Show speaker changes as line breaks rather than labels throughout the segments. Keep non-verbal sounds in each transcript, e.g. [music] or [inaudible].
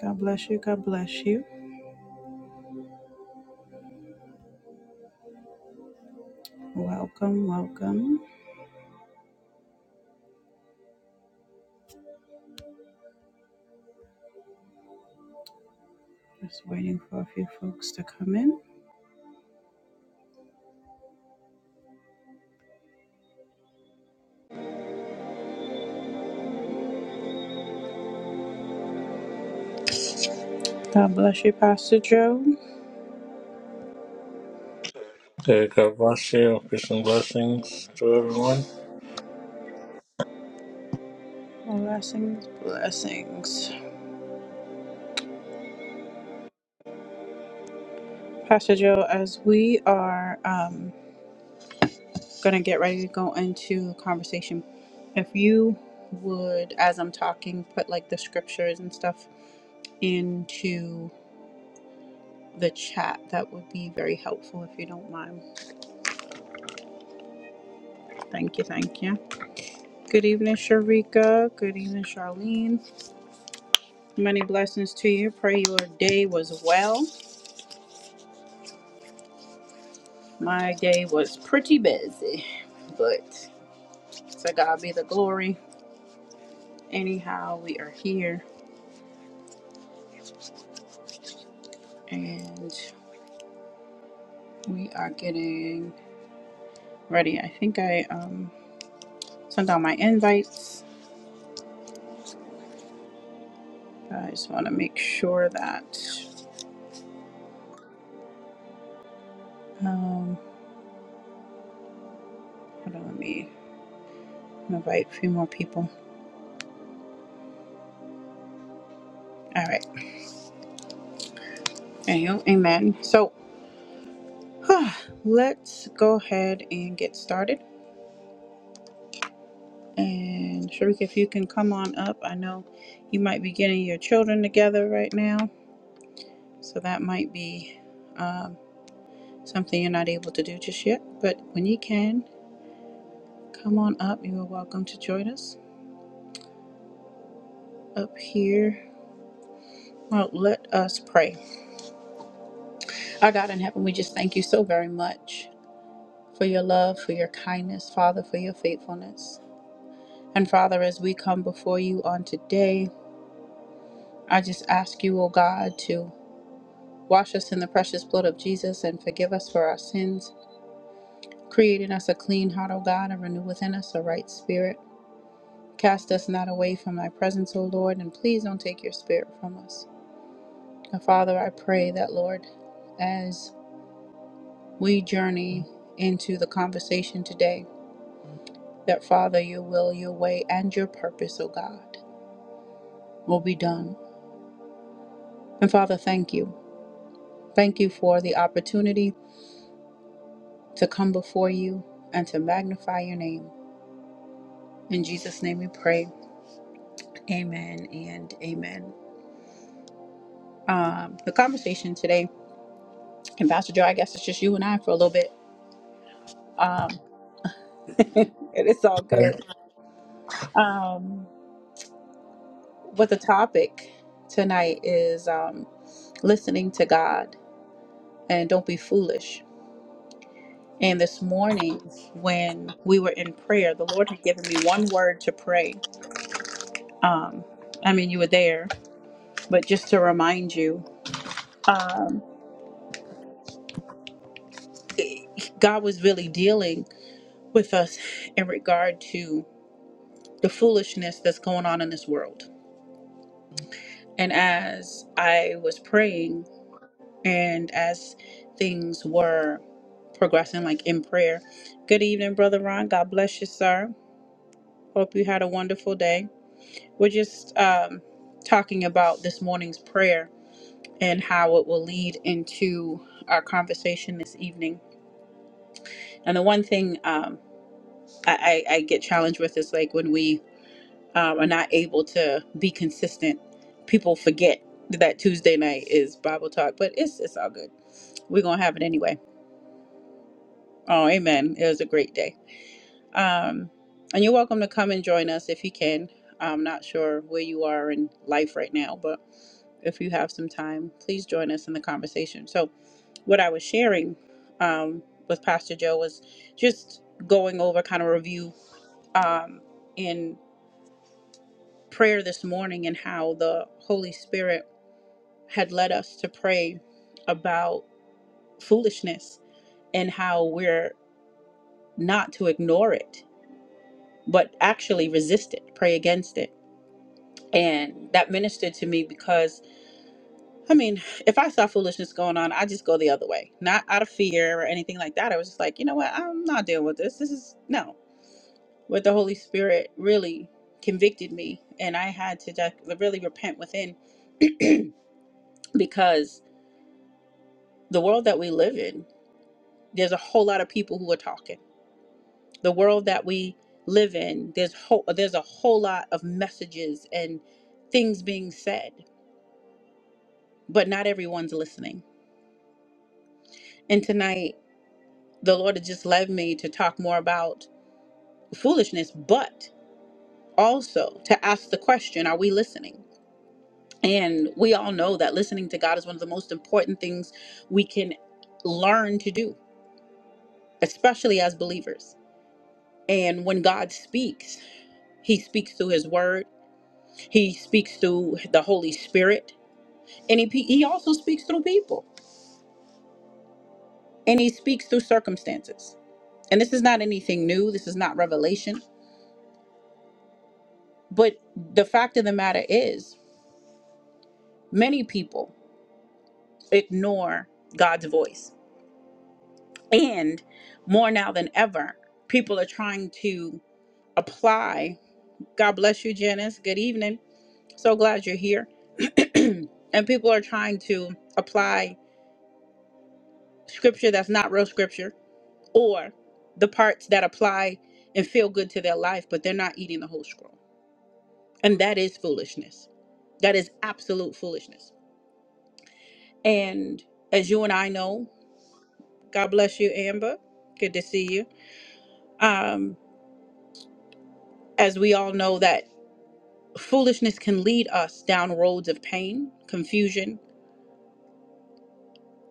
God bless you. God bless you. Welcome, welcome. Just waiting for a few folks to come in. God bless you, Pastor Joe.
Okay, God bless you. Peace and blessings to everyone.
Blessings, blessings. Pastor Joe, as we are um, going to get ready to go into conversation, if you would, as I'm talking, put like the scriptures and stuff into the chat, that would be very helpful if you don't mind. Thank you, thank you. Good evening, Sharika. Good evening, Charlene. Many blessings to you. Pray your day was well. My day was pretty busy, but to God be the glory. Anyhow, we are here and we are getting ready. I think I um, sent out my invites. I just want to make sure that. Um, hold on, let me invite a few more people. All right. Anywho, amen. So [sighs] let's go ahead and get started. And Sharika, if you can come on up, I know you might be getting your children together right now, so that might be um, something you're not able to do just yet. But when you can, come on up. You are welcome to join us up here. Well, let us pray. Our God in heaven, we just thank you so very much for your love, for your kindness, Father, for your faithfulness. And Father, as we come before you on today, I just ask you, oh God, to Wash us in the precious blood of Jesus and forgive us for our sins. Create in us a clean heart, O God, and renew within us a right spirit. Cast us not away from thy presence, O Lord, and please don't take your spirit from us. And Father, I pray that, Lord, as we journey into the conversation today, that Father, your will, your way, and your purpose, O God, will be done. And Father, thank you. Thank you for the opportunity to come before you and to magnify your name. In Jesus' name we pray. Amen and amen. Um, the conversation today, and Pastor Joe, I guess it's just you and I for a little bit. Um, [laughs] and it's all
Hey.
good. Um, but the topic tonight is um, listening to God and don't be foolish. And this morning, when we were in prayer, the Lord had given me one word to pray. Um, I mean, you were there, but just to remind you, um, God was really dealing with us in regard to. the foolishness that's going on in this world. And as I was praying and as things were progressing, like in prayer, good evening, Brother Ron. God bless you, sir. Hope you had a wonderful day. We're just um, talking about this morning's prayer and how it will lead into our conversation this evening. And the one thing um, I, I, I get challenged with is like when we um, are not able to be consistent, people forget that Tuesday night is Bible talk, but it's it's all good. We're gonna have it anyway. Oh, amen. It was a great day. Um, and you're welcome to come and join us if you can. I'm not sure where you are in life right now, but if you have some time, please join us in the conversation. So, what I was sharing um, with Pastor Joe was just going over kind of review um, in prayer this morning and how the Holy Spirit had led us to pray about foolishness and how we're not to ignore it, but actually resist it, pray against it. And that ministered to me because, I mean, if I saw foolishness going on, I just go the other way, not out of fear or anything like that. I was just like, you know what? I'm not dealing with this. This is no. But the Holy Spirit really convicted me, and I had to just really repent within because the world that we live in there's a whole lot of people who are talking. The world that we live in, there's whole, there's a whole lot of messages and things being said, but not everyone's listening. And tonight, the Lord has just led me to talk more about foolishness, but also to ask the question, are we listening? And we all know that listening to God is one of the most important things we can learn to do, especially as believers. And when God speaks, he speaks through his word He speaks through the Holy Spirit, and he, he also speaks through people, and he speaks through circumstances. And this is not anything new, this is not revelation. But the fact of the matter is, many people ignore God's voice. And more now than ever, people are trying to apply. God bless you, Janice. Good evening. So glad you're here. [clears throat] and people are trying to apply scripture that's not real scripture or the parts that apply and feel good to their life, but they're not eating the whole scroll. And that is foolishness. That is absolute foolishness. And as you and I know, God bless you, Amber. Good to see you. Um, as we all know, that foolishness can lead us down roads of pain, confusion,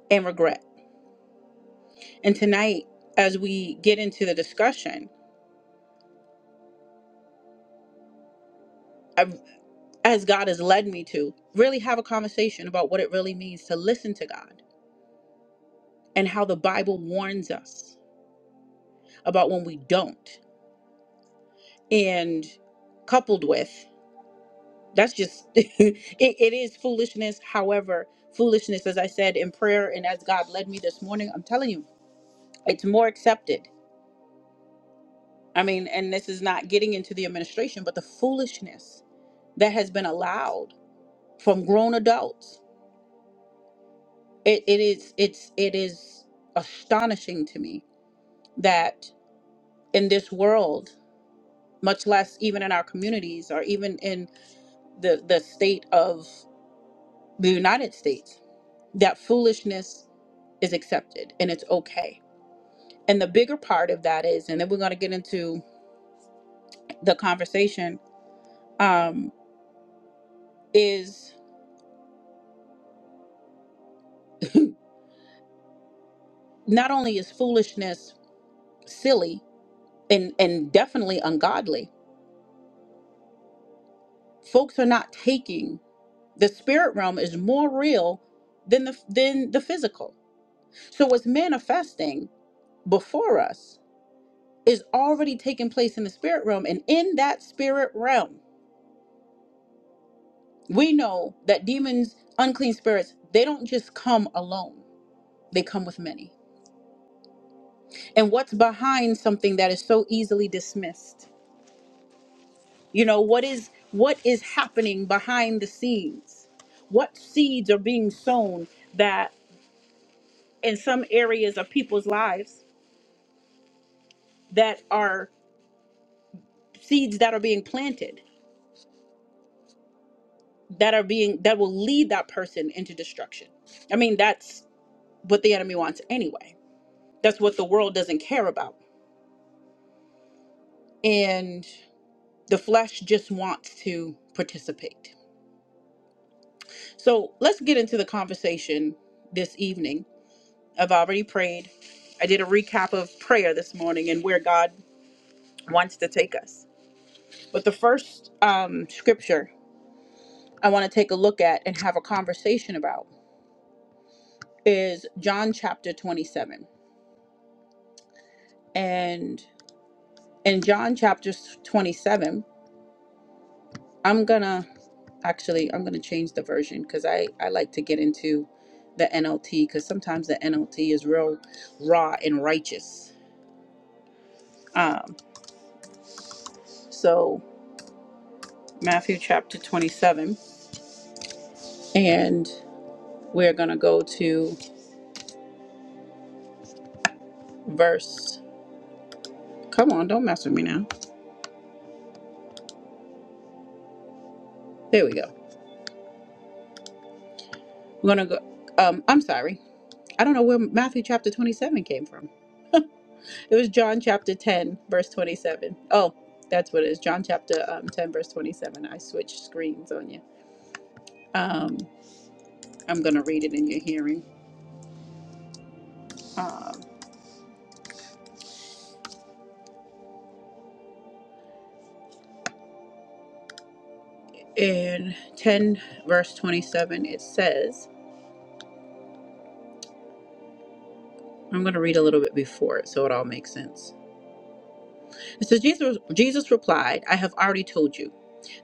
and regret. And tonight, as we get into the discussion, I've, as God has led me to, really have a conversation about what it really means to listen to God and how the Bible warns us about when we don't. And coupled with that's just [laughs] it, it is foolishness. However, foolishness, as I said in prayer and as God led me this morning, I'm telling you, it's more accepted. I mean, and this is not getting into the administration, but the foolishness that has been allowed from grown adults. It, it is it's it is astonishing to me that in this world, much less even in our communities or even in the the state of the United States that foolishness is accepted and it's okay. And the bigger part of that is, and then we're going to get into the conversation, um, is [laughs] not only is foolishness silly and and definitely ungodly, folks are not taking the spirit realm is more real than the than the physical. So what's manifesting before us is already taking place in the spirit realm and in that spirit realm we know that demons unclean spirits they don't just come alone they come with many and what's behind something that is so easily dismissed you know what is what is happening behind the scenes what seeds are being sown that in some areas of people's lives that are seeds that are being planted that are being that will lead that person into destruction i mean that's what the enemy wants anyway. That's what the world doesn't care about. And the flesh just wants to participate. So let's get into the conversation this evening. I've already prayed. I did a recap of prayer this morning and where God wants to take us. But the first um, scripture I want to take a look at and have a conversation about is John chapter 27. And in John chapter 27, I'm gonna actually I'm gonna change the version because I I like to get into the NLT because sometimes the NLT is real raw and righteous. Um, so Matthew chapter 27, and we're gonna go to verse. Come on, don't mess with me now. There we go. We're gonna go. Um, I'm sorry. I don't know where Matthew chapter 27 came from. It was John chapter 10, verse 27. Oh, that's what it is. John chapter um, 10, verse 27. I switched screens on you. Um, I'm going to read it in your hearing. Um, in 10, verse 27, it says, I'm going to read a little bit before it so it all makes sense. It says, Jesus, Jesus replied, I have already told you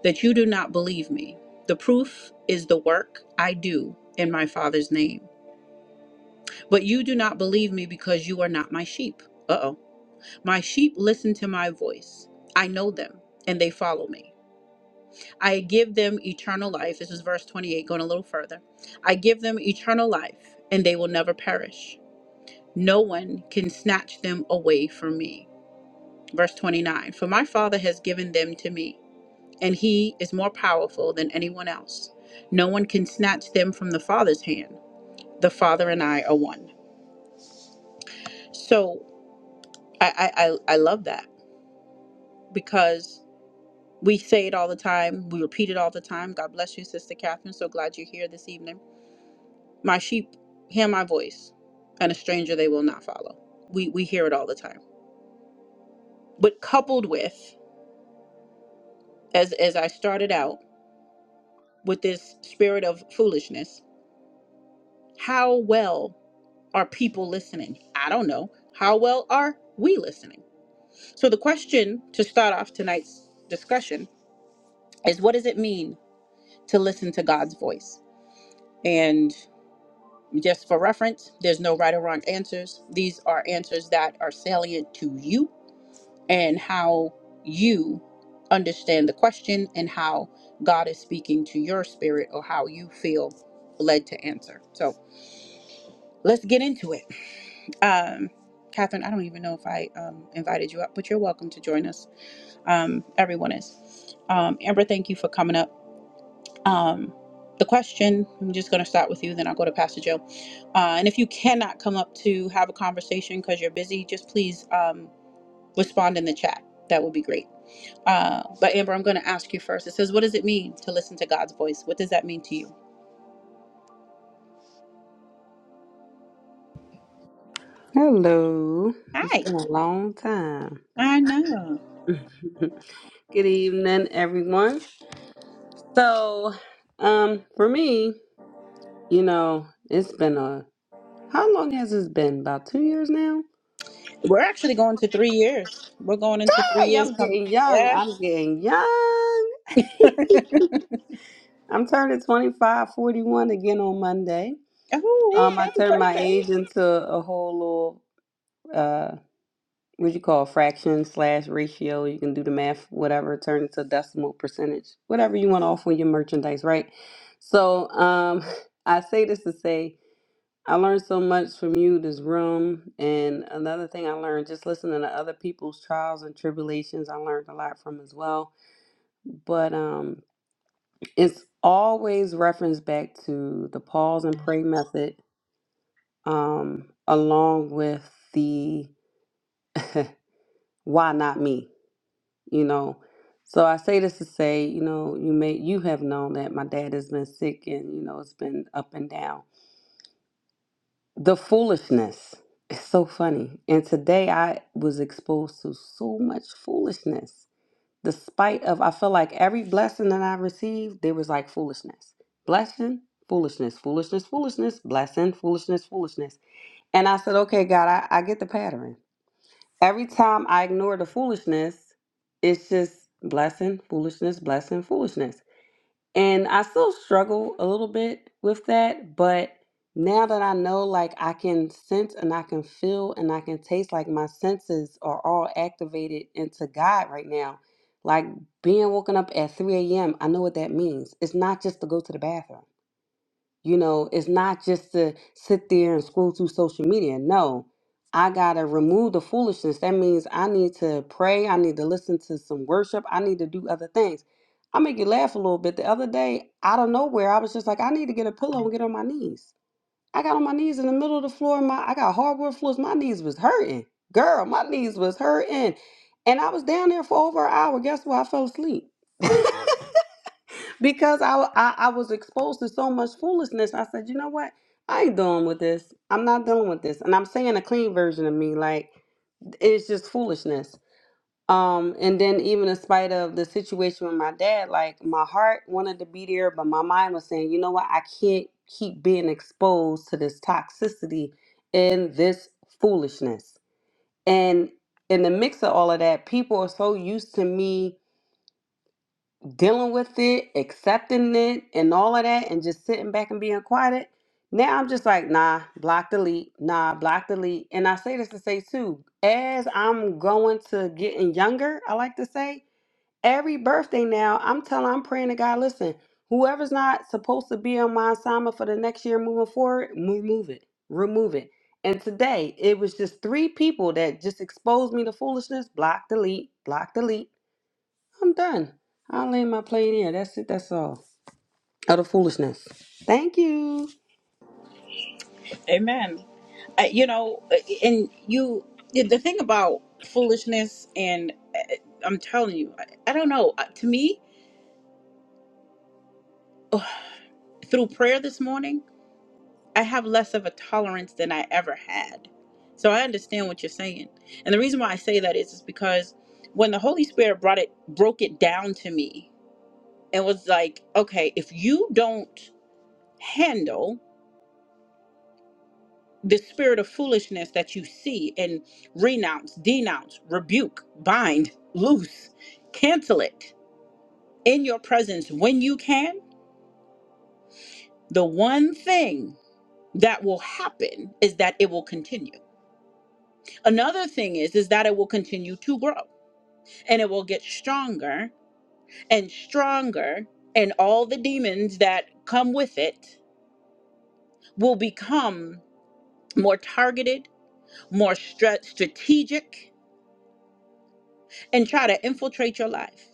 that you do not believe me. The proof is the work I do in my Father's name. But you do not believe me because you are not my sheep. Uh oh. My sheep listen to my voice. I know them and they follow me. I give them eternal life. This is verse 28, going a little further. I give them eternal life, and they will never perish. No one can snatch them away from me. Verse 29 For my Father has given them to me, and he is more powerful than anyone else. No one can snatch them from the Father's hand. The Father and I are one. So I, I, I I love that because we say it all the time. We repeat it all the time. God bless you, Sister Catherine. So glad you're here this evening My sheep hear my voice, and a stranger they will not follow. We we hear it all the time. But coupled with, as as I started out with this spirit of foolishness, how well are people listening? I don't know. How well are we listening? So the question to start off tonight's discussion is what does it mean to listen to God's voice? And just for reference, there's no right or wrong answers. These are answers that are salient to you and how you understand the question and how God is speaking to your spirit or how you feel led to answer. So let's get into it. Um, Catherine, I don't even know if I um, invited you up, but you're welcome to join us. Um, everyone is. Um, Amber, thank you for coming up. Um, the question, I'm just going to start with you, then I'll go to Pastor Joe. Uh, and if you cannot come up to have a conversation because you're busy, just please um, respond in the chat. That would be great. Uh, but Amber, I'm going to ask you first. It says, "What does it mean to listen to God's voice? What does that mean to you?"
Hello. It's
Hi,
been a long time.
I know.
[laughs] Good evening, everyone. So, um, for me, you know, it's been a how long has this been? About two years now?
We're actually going to three years. We're going into three
Hey,
years.
I'm
Come,
getting young.
yeah.
I'm getting young. [laughs] I'm turning 25, 41 again on Monday.
Oh,
Um, I
happy
turned my
birthday!
age into a whole little uh, what you call fraction slash ratio. You can do the math, whatever, turn it to decimal percentage, whatever you want off on your merchandise, right? So um, [laughs] I say this to say I learned so much from you, this room, and another thing I learned just listening to other people's trials and tribulations. I learned a lot from as well, but um, it's always referenced back to the pause and pray method, um, along with the [laughs] why not me you know. So I say this to say, you know, you may you have known that my dad has been sick and you know it's been up and down. The foolishness is so funny. And today I was exposed to so much foolishness. Despite of I feel like every blessing that I received, there was like foolishness. Blessing, foolishness, foolishness, foolishness, blessing, foolishness, foolishness. And I said, okay, God, I, I get the pattern. Every time I ignore the foolishness, it's just blessing, foolishness, blessing, foolishness. And I still struggle a little bit with that, but now that I know, like, I can sense and I can feel and I can taste, like, my senses are all activated into God right now. Like, being woken up at 3 a.m., I know what that means. It's not just to go to the bathroom. You know, it's not just to sit there and scroll through social media. No, I got to remove the foolishness. That means I need to pray. I need to listen to some worship. I need to do other things. I make you laugh a little bit. The other day, out of nowhere, I was just like, I need to get a pillow and get on my knees. I got on my knees in the middle of the floor. My I got hardwood floors. My knees was hurting. Girl, my knees was hurting. And I was down there for over an hour. Guess what? I fell asleep. [laughs] because I, I I was exposed to so much foolishness. I said, you know what? I ain't dealing with this. I'm not dealing with this. And I'm saying a clean version of me, like it's just foolishness. Um, and then even in spite of the situation with my dad, like my heart wanted to be there, but my mind was saying, you know what? I can't keep being exposed to this toxicity and this foolishness. And in the mix of all of that, people are so used to me dealing with it, accepting it, and all of that, and just sitting back and being quiet. Now I'm just like, nah, block delete, nah, block delete. And I say this to say too, as I'm going to getting younger, I like to say, every birthday now, I'm telling, I'm praying to God, listen, whoever's not supposed to be on my assignment for the next year moving forward, remove it, remove it. And today, it was just three people that just exposed me to foolishness, block delete, block delete. I'm done. I'll lay my plane here. That's it. That's all. Utter foolishness. Thank you.
Amen. Uh, you know, uh, and you. The thing about foolishness, and uh, I'm telling you, I, I don't know. Uh, To me, through prayer this morning. I have less of a tolerance than I ever had. So I understand what you're saying. And the reason why I say that is, is because when the Holy Spirit brought it broke it down to me and was like, okay, if you don't handle the spirit of foolishness that you see and renounce, denounce, rebuke, bind, loose, cancel it in your presence when you can, the one thing that will happen is that it will continue Another thing is is that it will continue to grow and it will get stronger and stronger and all the demons that come with it will become more targeted, more stra- strategic and try to infiltrate your life.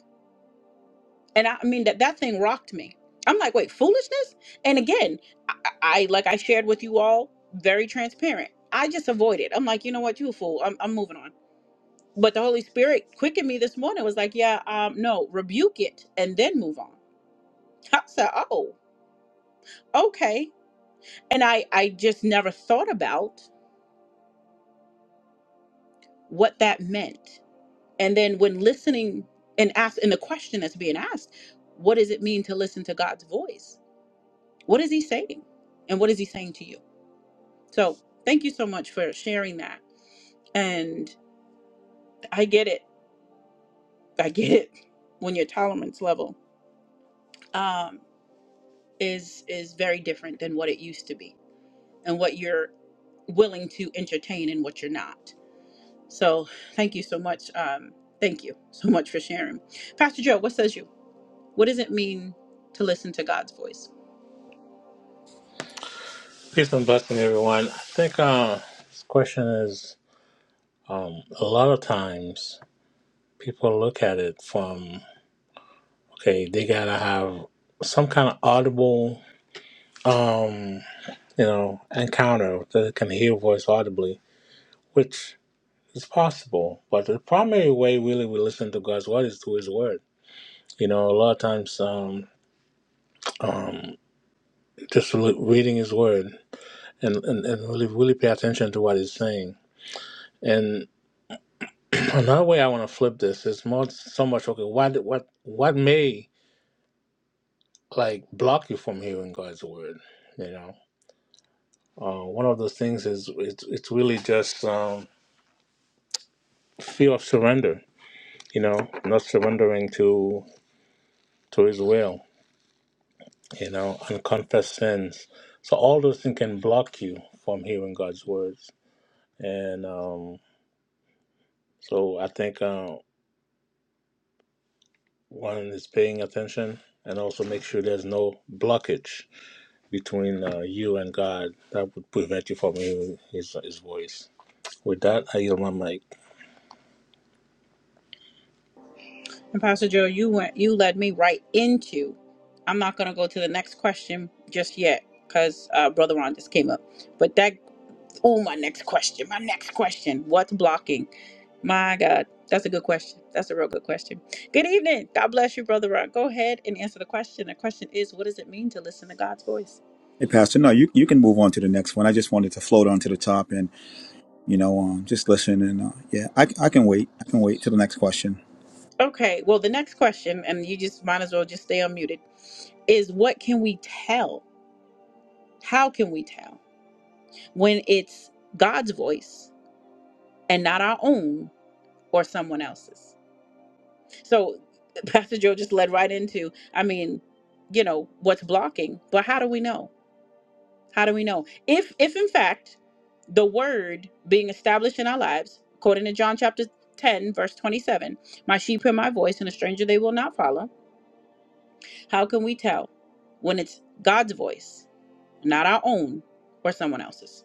And I, I mean that that thing rocked me. I'm like, "Wait, foolishness?" And again, I, I like I shared with you all very transparent. I just avoid it. I'm like, "You know what? You a fool. I'm I'm moving on." but the Holy Spirit quickened me this morning. Was like, yeah, um, no, rebuke it and then move on. [laughs] I said, oh, okay. And I, I just never thought about what that meant. And then when listening and asked, and the question that's being asked, what does it mean to listen to God's voice? What is He saying, and what is He saying to you? So thank you so much for sharing that. And I get it. I get it. [laughs] When your tolerance level um, is is very different than what it used to be and what you're willing to entertain and what you're not. So thank you so much. Um, thank you so much for sharing. Pastor Joe, what says you? What does it mean to listen to God's voice?
Peace and blessing, everyone. I think uh, this question is um, a lot of times people look at it from okay, they gotta have some kind of audible, um, you know, encounter that they can hear voice audibly, which is possible. But the primary way really we listen to God's word is through His word. You know, a lot of times, um, um, just re- reading His word and, and, and really really pay attention to what he's saying. And [clears throat] another way I want to flip this is not so much okay, what what what may like block you from hearing God's word? You know, uh, one of those things is it's it's really just um, fear of surrender. You know, not surrendering to to His will. You know, unconfessed sins. So all those things can block you from hearing God's words. And um, so I think. Uh, One is paying attention and also make sure there's no blockage between uh, you and God that would prevent you from hearing his, his voice. With that, I yield my mic.
And Pastor Joe, you went you led me right into I'm not gonna go to the next question just yet because uh, Brother Ron just came up. But that oh my next question, my next question. What's blocking? My God, that's a good question. That's a real good question. Good evening. God bless you, Brother Rock. Go ahead and answer the question. The question is, what does it mean to listen to God's voice?
Hey, Pastor. No, you, you can move on to the next one. I just wanted to float onto the top and, you know, um, just listen. And uh, yeah, I, I can wait. I can wait till the next question.
Okay, well, the next question, and you just might as well just stay unmuted, is what can we tell? How can we tell when it's God's voice and not our own or someone else's? So, [laughs] Pastor Joe just led right into, I mean, you know, what's blocking, but how do we know? How do we know? If if in fact the word being established in our lives, according to John chapter 10, verse 27, my sheep hear my voice and a stranger they will not follow. How can we tell when it's God's voice, not our own or someone else's?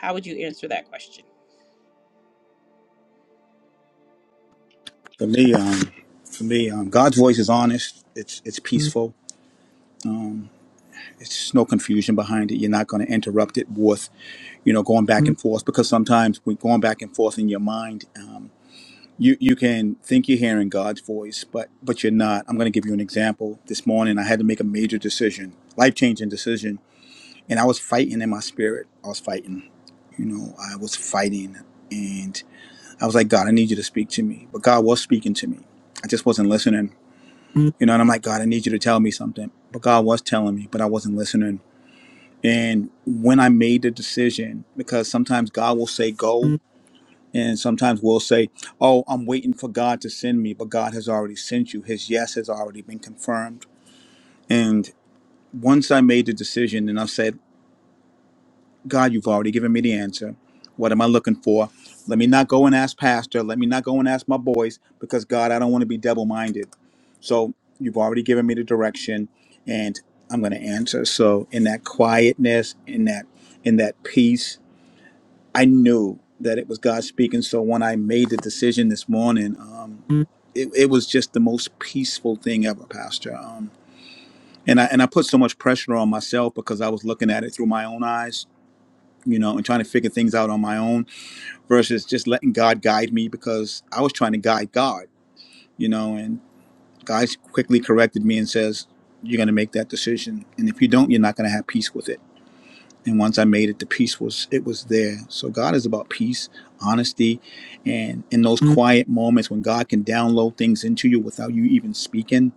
How would you answer that question?
For me, um, for me, um, God's voice is honest. It's it's peaceful. Um, it's no confusion behind it. You're not going to interrupt it with, you know, going back and forth because sometimes when going back and forth in your mind, um, you you can think you're hearing God's voice, but but you're not. I'm going to give you an example. This morning, I had to make a major decision, life changing decision and I was fighting in my spirit. I was fighting, you know, I was fighting, and I was like, God, I need you to speak to me. But God was speaking to me. I just wasn't listening, you know. And I'm like, God, I need you to tell me something. But God was telling me, but I wasn't listening. And when I made the decision, because sometimes God will say go, and sometimes we'll say, Oh, I'm waiting for God to send me, but God has already sent you. His yes has already been confirmed. And once I made the decision, and I said. God, you've already given me the answer. What am I looking for? Let me not go and ask pastor. Let me not go and ask my boys because God, I don't want to be double minded. So you've already given me the direction and I'm going to answer. So in that quietness, in that in that peace, I knew that it was God speaking. So when I made the decision this morning, um, it, it was just the most peaceful thing ever, Pastor. Um, and I and I put so much pressure on myself because I was looking at it through my own eyes you know, and trying to figure things out on my own versus just letting God guide me because I was trying to guide God, you know, and God quickly corrected me and says, You're gonna make that decision. And if you don't, you're not gonna have peace with it. And once I made it, the peace was it was there. So God is about peace, honesty, and in those Mm. quiet moments when God can download things into you without you even speaking,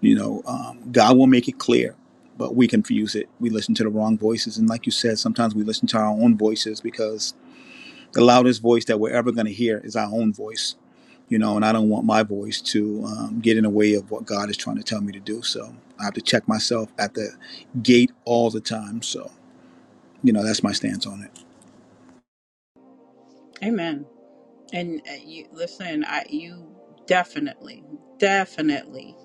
you know, um, God will make it clear. But we confuse it. We listen to the wrong voices, and like you said, sometimes we listen to our own voices because the loudest voice that we're ever going to hear is our own voice you know and i don't want my voice to um, get in the way of what god is trying to tell me to do so i have to check myself at the gate all the time so you know that's my stance on it
Amen. And uh, you listen, I you definitely, definitely,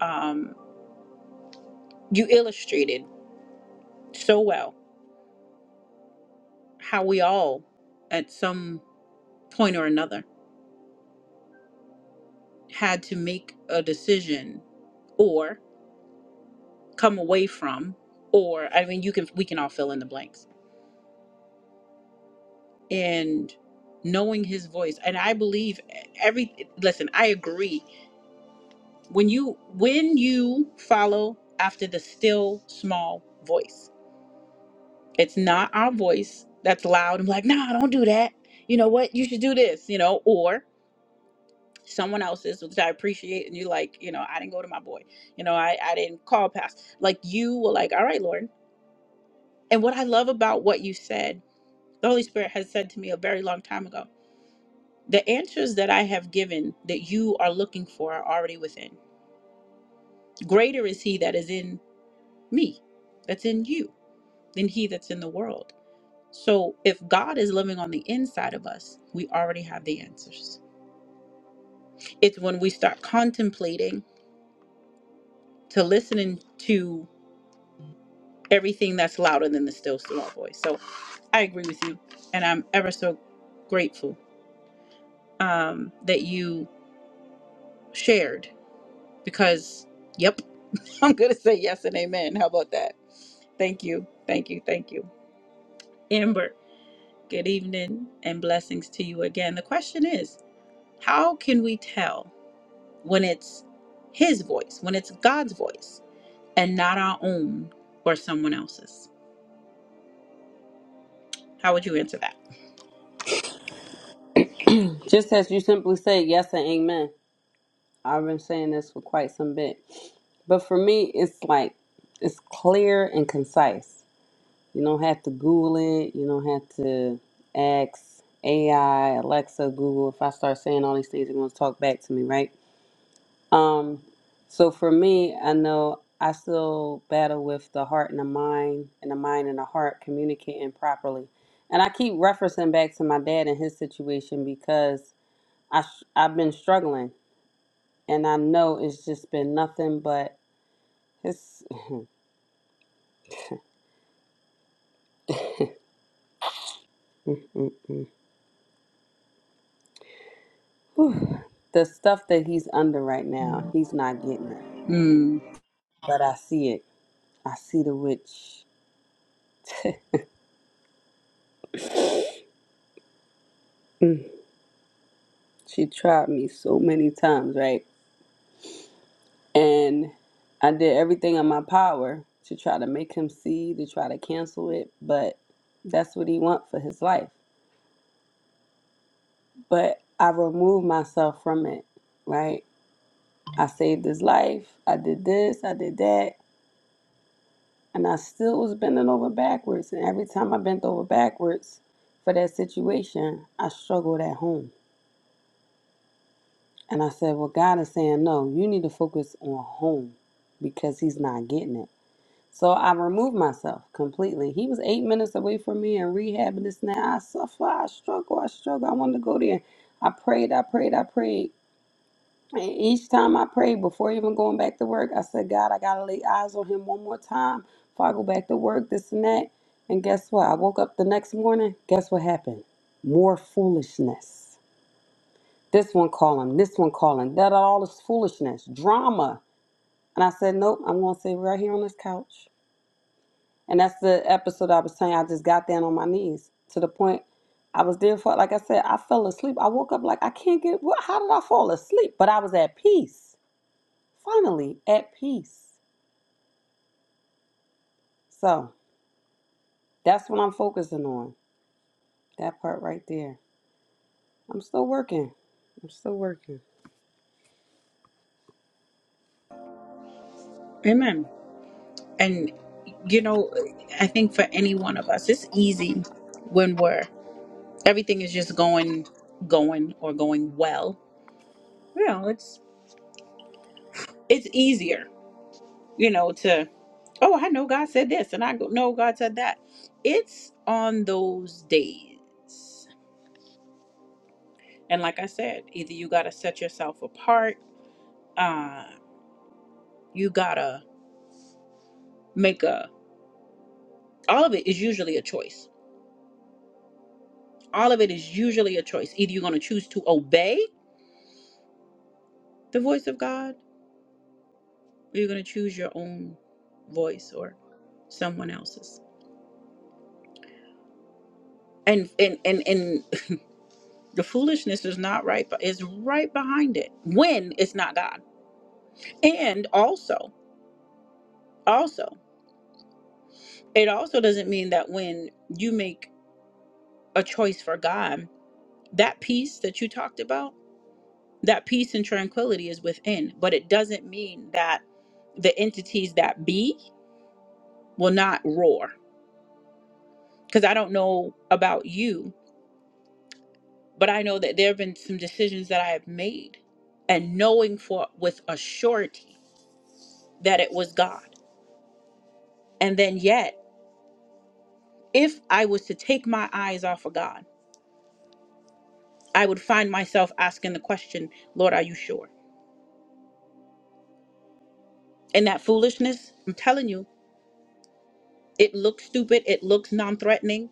um, you illustrated so well how we all, at some point or another, had to make a decision or come away from or I mean you can we can all fill in the blanks. And knowing his voice and I believe every listen, I agree. When you when you follow after the still small voice. It's not our voice that's loud and like, "Nah, don't do that." You know what? You should do this, you know, or someone else's which i appreciate and you like you know i didn't go to my boy you know i i didn't call past like you were like all right lord and what i love about what you said the holy spirit has said to me a very long time ago the answers that i have given that you are looking for are already within greater is he that is in me that's in you than he that's in the world so if god is living on the inside of us we already have the answers it's when we start contemplating to listening to everything that's louder than the still small voice. So I agree with you, and I'm ever so grateful um, that you shared because, yep, [laughs] I'm gonna say yes and amen. How about that? Thank you, thank you, thank you, Amber. Good evening and blessings to you again. The question is, how can we tell when it's His voice, when it's God's voice, and not our own or someone else's? How would you answer that?
Just as you simply say yes and amen. I've been saying this for quite some bit. But for me, it's like, it's clear and concise. You don't have to Google it. You don't have to ask AI, Alexa, Google. If I start saying all these things, they're going to talk back to me, right? Um, so for me, I know I still battle with the heart and the mind, and the mind and the heart communicating properly. And I keep referencing back to my dad and his situation because I sh- I've been struggling, and I know it's just been nothing but his [laughs] Mm-mm. Whew. the stuff that he's under right now. He's not getting it,
Mm.
but I see it. I see the witch. [laughs] she tried me so many times, right? And I did everything in my power to try to make him see, to try to cancel it, but that's what he want for his life. But I removed myself from it, right? I saved his life. I did this, I did that, and I still was bending over backwards. And every time I bent over backwards for that situation, I struggled at home. And I said, Well, God is saying, no, you need to focus on home because he's not getting it. So I removed myself completely. He was eight minutes away from me in rehab and this and that. I suffer, I struggle, I struggle. I wanted to go there. I prayed, I prayed, I prayed. And each time I prayed, before even going back to work, I said, God, I gotta lay eyes on him one more time before I go back to work, this and that. And guess what? I woke up the next morning. Guess what happened? More foolishness. This one calling, this one calling, that all this foolishness, drama. And I said, Nope, I'm gonna stay right here on this couch. And that's the episode I was saying. I just got down on my knees to the point I was there for. Like I said, I fell asleep. I woke up like I can't get. What? How did I fall asleep? But I was at peace. Finally, at peace. So that's what I'm focusing on. That part right there. I'm still working. I'm still working.
Amen. And you know, I think for any one of us, it's easy when we're everything is just going, going or going well. You know, it's it's easier. You know, to oh, I know God said this, and I go, no, God said that. It's on those days, and like I said, either you got to set yourself apart. uh, you gotta make a all of it is usually a choice all of it is usually a choice either you're gonna choose to obey the voice of god or you're gonna choose your own voice or someone else's and and and, and the foolishness is not right but is right behind it when it's not god and also also it also doesn't mean that when you make a choice for god that peace that you talked about that peace and tranquility is within but it doesn't mean that the entities that be will not roar because i don't know about you but i know that there have been some decisions that i have made and knowing for with a surety that it was god and then yet if i was to take my eyes off of god i would find myself asking the question lord are you sure and that foolishness i'm telling you it looks stupid it looks non-threatening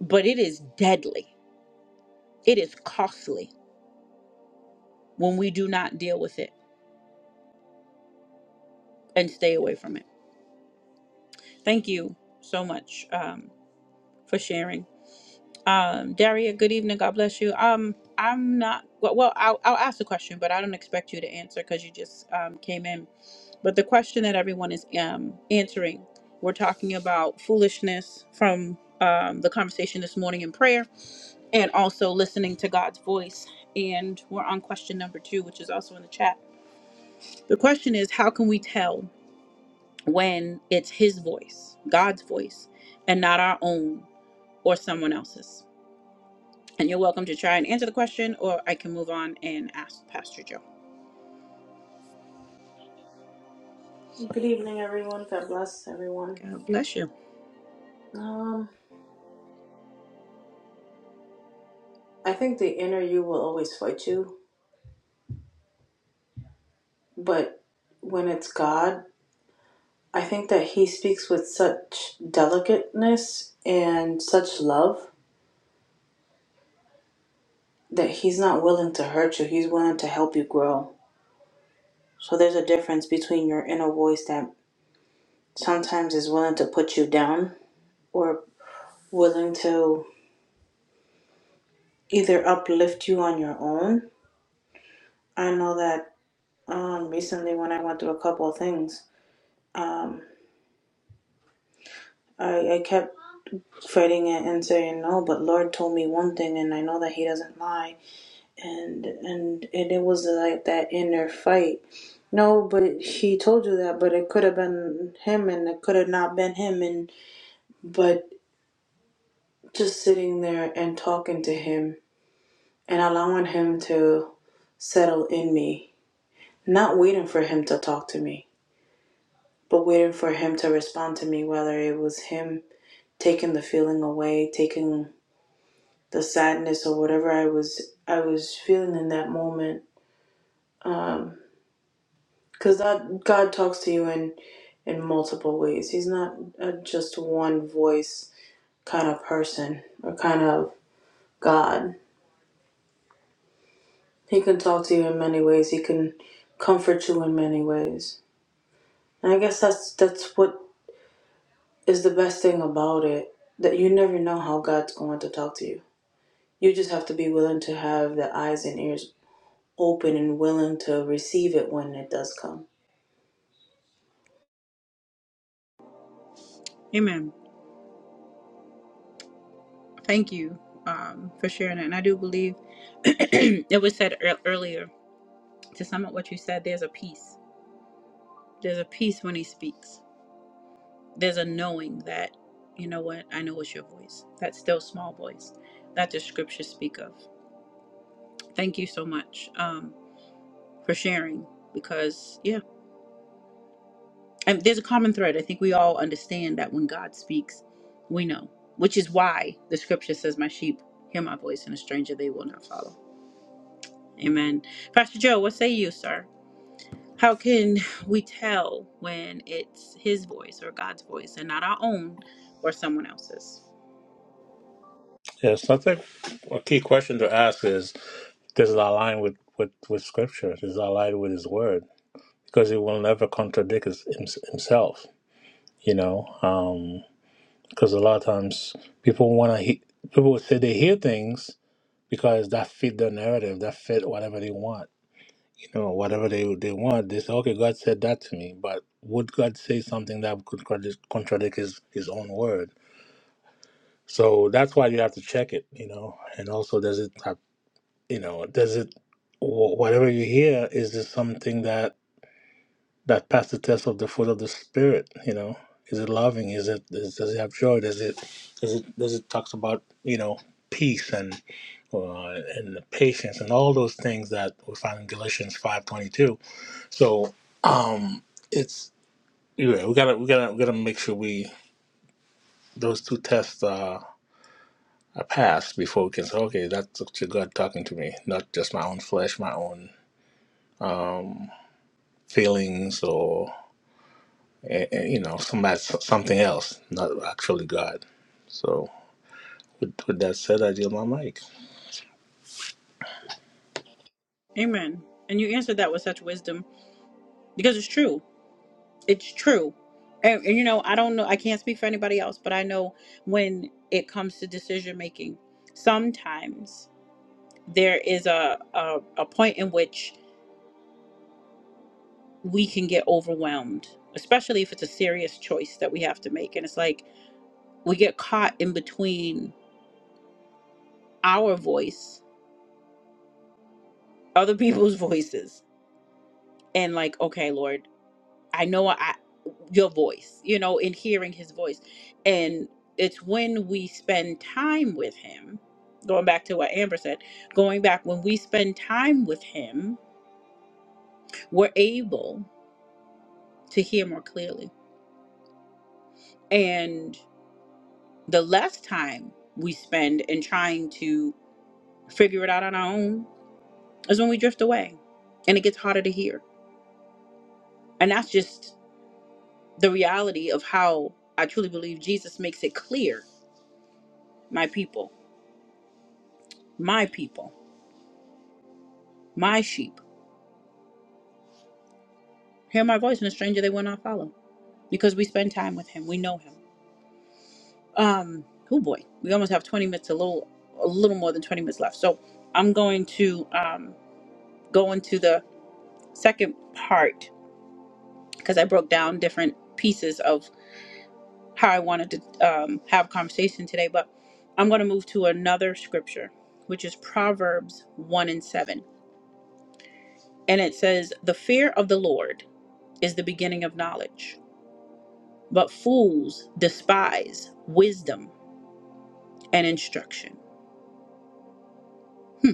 but it is deadly It is costly when we do not deal with it and stay away from it. Thank you so much um, for sharing. Um, Daria, good evening. God bless you. Um, I'm not well. well I'll, I'll ask the question, but I don't expect you to answer because you just um, came in. But the question that everyone is um, answering, we're talking about foolishness from um, the conversation this morning in prayer, and also listening to God's voice. And we're on question number two, which is also in the chat. The question is, how can we tell? when it's his voice, God's voice, and not our own or someone else's. And you're welcome to try and answer the question, or I can move on and ask Pastor Joe.
Good evening, everyone. God bless everyone.
God bless you.
Um, I think the inner you will always fight you, but when it's God, I think that He speaks with such delicateness and such love that He's not willing to hurt you. He's willing to help you grow. So there's a difference between your inner voice that sometimes is willing to put you down or willing to either uplift you on your own. I know that um, recently when I went through a couple of things, I, I kept fighting it and saying no but lord told me one thing and i know that he doesn't lie and and and it was like that inner fight no but he told you that but it could have been him and it could have not been him and but just sitting there and talking to him and allowing him to settle in me not waiting for him to talk to me but waiting for him to respond to me whether it was him taking the feeling away taking the sadness or whatever I was I was feeling in that moment. Because that God talks to you in in multiple ways. He's not a just one voice kind of person or kind of God. He can talk to you in many ways. He can comfort you in many ways. And I guess that's that's what is the best thing about it that you never know how God's going to talk to you. You just have to be willing to have the eyes and ears open and willing to receive it when it does come.
Amen. Thank you um, for sharing that. And I do believe [clears throat] it was said ear- earlier to sum up what you said, there's a peace. There's a peace when he speaks. There's a knowing that, you know what, I know it's your voice. That still small voice that the scriptures speak of. Thank you so much. Um, for sharing because yeah and there's a common thread i think we all understand that when god speaks we know which is why the scripture says my sheep hear my voice and a stranger they will not follow amen pastor joe what say you sir how can [laughs] we tell when it's his voice or god's voice and not our own or someone else's
Yes, I think a key question to ask is does it align with, with, with Scripture? Does it align with His Word? Because He will never contradict his, hims- Himself, you know? Because a lot of times people want to, he- people would say they hear things because that fit their narrative, that fit whatever they want you know, whatever they they want. They say, okay, God said that to me, but would God say something that could contra- contradict His His own word? So that's why you have to check it, you know. And also, does it have, you know, does it wh- whatever you hear is this something that that passed the test of the fruit of the spirit? You know, is it loving? Is it is, does it have joy? Does it does it does it talks about you know peace and uh, and patience and all those things that we find in Galatians five twenty two so um, it's yeah, we gotta we gotta we gotta make sure we those two tests uh, are passed before we can say okay that's actually God talking to me, not just my own flesh, my own um, feelings, or eh, eh, you know somebody something else, not actually God. So with, with that said, I deal my mic.
amen and you answered that with such wisdom because it's true It's true. And, and, you know, I don't know, I can't speak for anybody else, but I know when it comes to decision making, sometimes there is a, a, a point in which we can get overwhelmed, especially if it's a serious choice that we have to make. And it's like we get caught in between our voice, other [laughs] people's voices, and like, okay, Lord. I know I your voice, you know, in hearing his voice. And it's when we spend time with him, going back to what Amber said, going back when we spend time with him, we're able to hear more clearly. And the less time we spend in trying to figure it out on our own is when we drift away and it gets harder to hear. And that's just the reality of how I truly believe Jesus makes it clear, my people, my people. my sheep hear my voice and a stranger they will not follow because we spend time with him we know him um oh boy we almost have 20 minutes a little a little more than 20 minutes left so i'm going to um go into the second part because i broke down different pieces of how i wanted to um, have a conversation today but i'm going to move to another scripture which is proverbs 1 and 7 and it says the fear of the lord is the beginning of knowledge but fools despise wisdom and instruction. Hmm.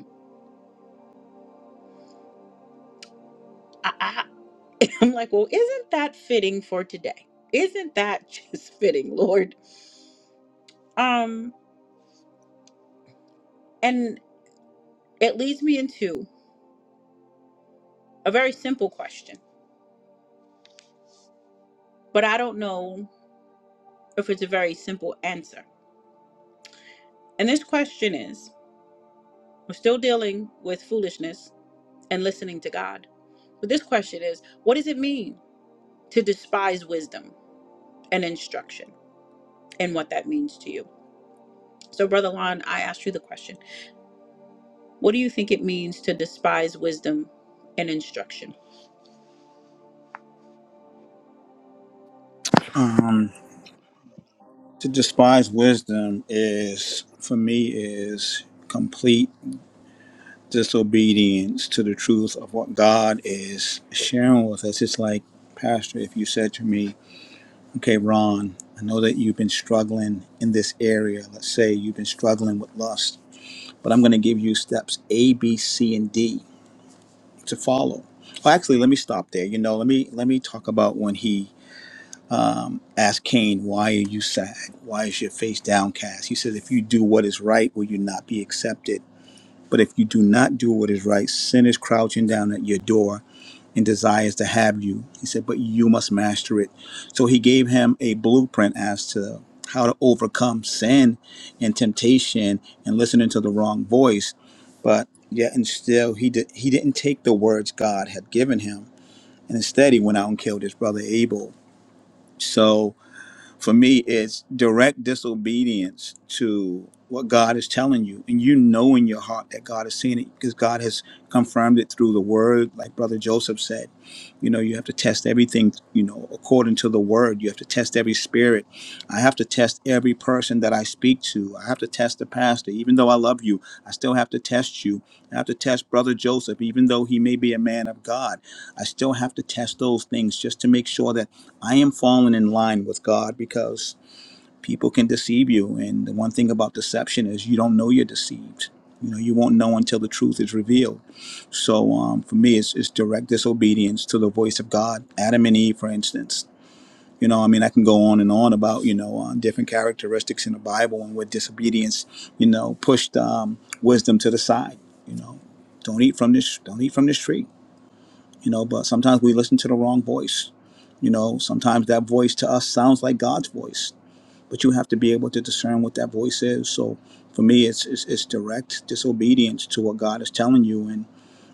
I, I, [laughs] I'm like, well, isn't that fitting for today? Isn't that just [laughs] fitting, Lord? Um, and it leads me into a very simple question, but I don't know if it's a very simple answer. And this question is, we're still dealing with foolishness and listening to God. But this question is, what does it mean to despise wisdom and instruction, and what that means to you? So, Brother Lon, I asked you the question. What do you think it means to despise wisdom and instruction?
um, to despise wisdom is for me is complete disobedience to the truth of what god is sharing with us it's like pastor if you said to me Okay, Ron, I know that you've been struggling in this area. Let's say you've been struggling with lust, but I'm going to give you steps A, B, C, and D to follow. Well, actually, let me stop there. You know, let me let me talk about when he um, asked Cain, "Why are you sad? Why is your face downcast?" He says, "If you do what is right, will you not be accepted? But if you do not do what is right, sin is crouching down at your door." and desires to have you. He said, but you must master it. So he gave him a blueprint as to how to overcome sin and temptation and listening to the wrong voice. But yet and still he did he didn't take the words God had given him. And instead he went out and killed his brother Abel. So for me it's direct disobedience to what god is telling you and you know in your heart that god has seen it because god has confirmed it through the word like brother joseph said you know you have to test everything you know according to the word you have to test every spirit i have to test every person that i speak to i have to test the pastor even though i love you i still have to test you i have to test brother joseph even though he may be a man of god i still have to test those things just to make sure that I am falling in line with God because people can deceive you. And the one thing about deception is you don't know you're deceived. You know, you won't know until the truth is revealed. So um, for me, it's, it's direct disobedience to the voice of God. Adam and Eve, for instance. You know, I mean, I can go on and on about, you know, um, different characteristics in the Bible and where disobedience, you know, pushed um, wisdom to the side. You know, don't eat from this, don't eat from this tree you know but sometimes we listen to the wrong voice you know sometimes that voice to us sounds like god's voice but you have to be able to discern what that voice is so for me it's it's, it's direct disobedience to what god is telling you and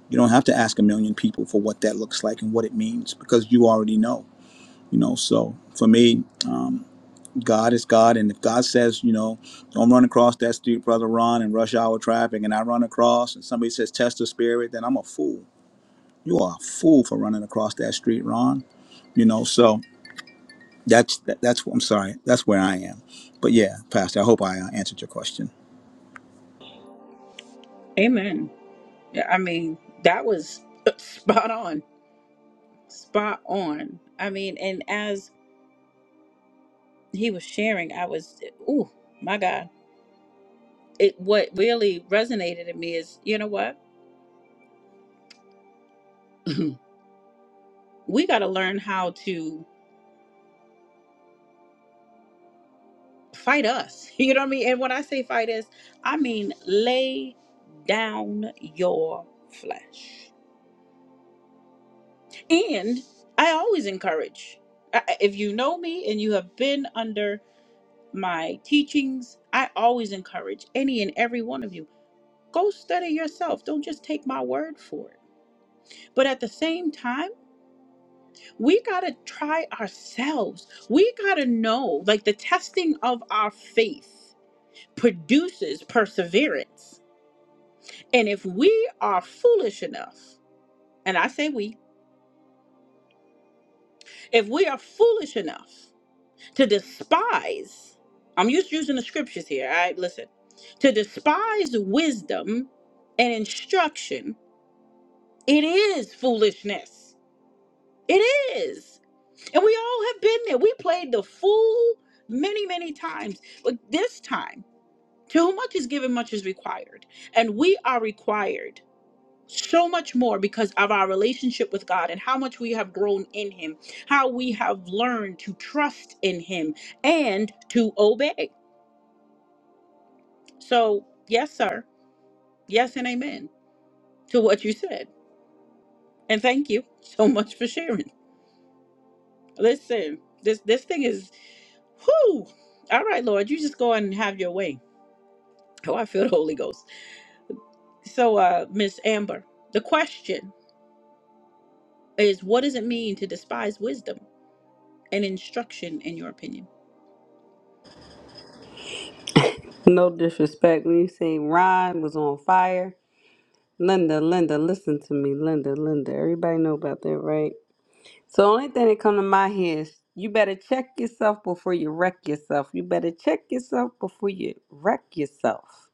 you don't have to ask a million people for what that looks like and what it means because you already know you know so for me um, god is god and if god says you know don't run across that street brother ron in rush hour traffic and i run across and somebody says test the spirit then i'm a fool you are a fool for running across that street ron you know so that's that's i'm sorry that's where i am but yeah pastor i hope i uh, answered your question
Amen. Yeah, I mean, that was [laughs] spot on. Spot on. I mean, and as he was sharing, I was, ooh, my God. It what really resonated in me is, you know what? [clears throat] we gotta learn how to fight us. [laughs] You know what I mean? And when I say fight us, I mean lay down your flesh. And I always encourage. I- I- If you know me and you have been under my teachings, I always encourage any and every one of you. Go study yourself. Don't just take my word for it. But at the same time, we got to try ourselves. We got to know, like the testing of our faith produces perseverance. And if we are foolish enough, and I say we, if we are foolish enough to despise i'm just using the scriptures here all right listen to despise wisdom and instruction it is foolishness it is and we all have been there we played the fool many many times but this time to whom much is given much is required and we are required so much more because of our relationship with God and how much we have grown in Him, how we have learned to trust in Him and to obey. So, yes, sir. Yes, and amen to what you said. And thank you so much for sharing. Listen, this this thing is whoo. All right, Lord, you just go and have your way. Oh, I feel the Holy Ghost. So, uh, Miss Amber, the question is, what does it mean to despise wisdom and instruction? In your opinion,
No disrespect. When you say Ron was on fire, Linda, Linda, listen to me, Linda, Linda. Everybody know about that, right? So the only thing that come to my head is you better check yourself before you wreck yourself. You better check yourself before you wreck yourself.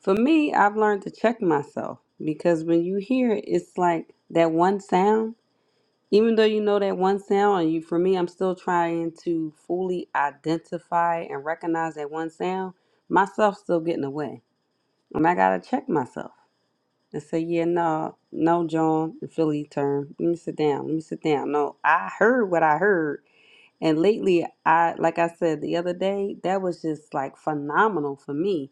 For me, I've learned to check myself because when you hear it, it's like that one sound. Even though you know that one sound, and you for me, I'm still trying to fully identify and recognize that one sound. Myself still getting away, and I gotta check myself and say, yeah, no, no, John, the Philly term. Let me sit down. Let me sit down. No, I heard what I heard and lately, I like I said the other day, that was just like phenomenal for me.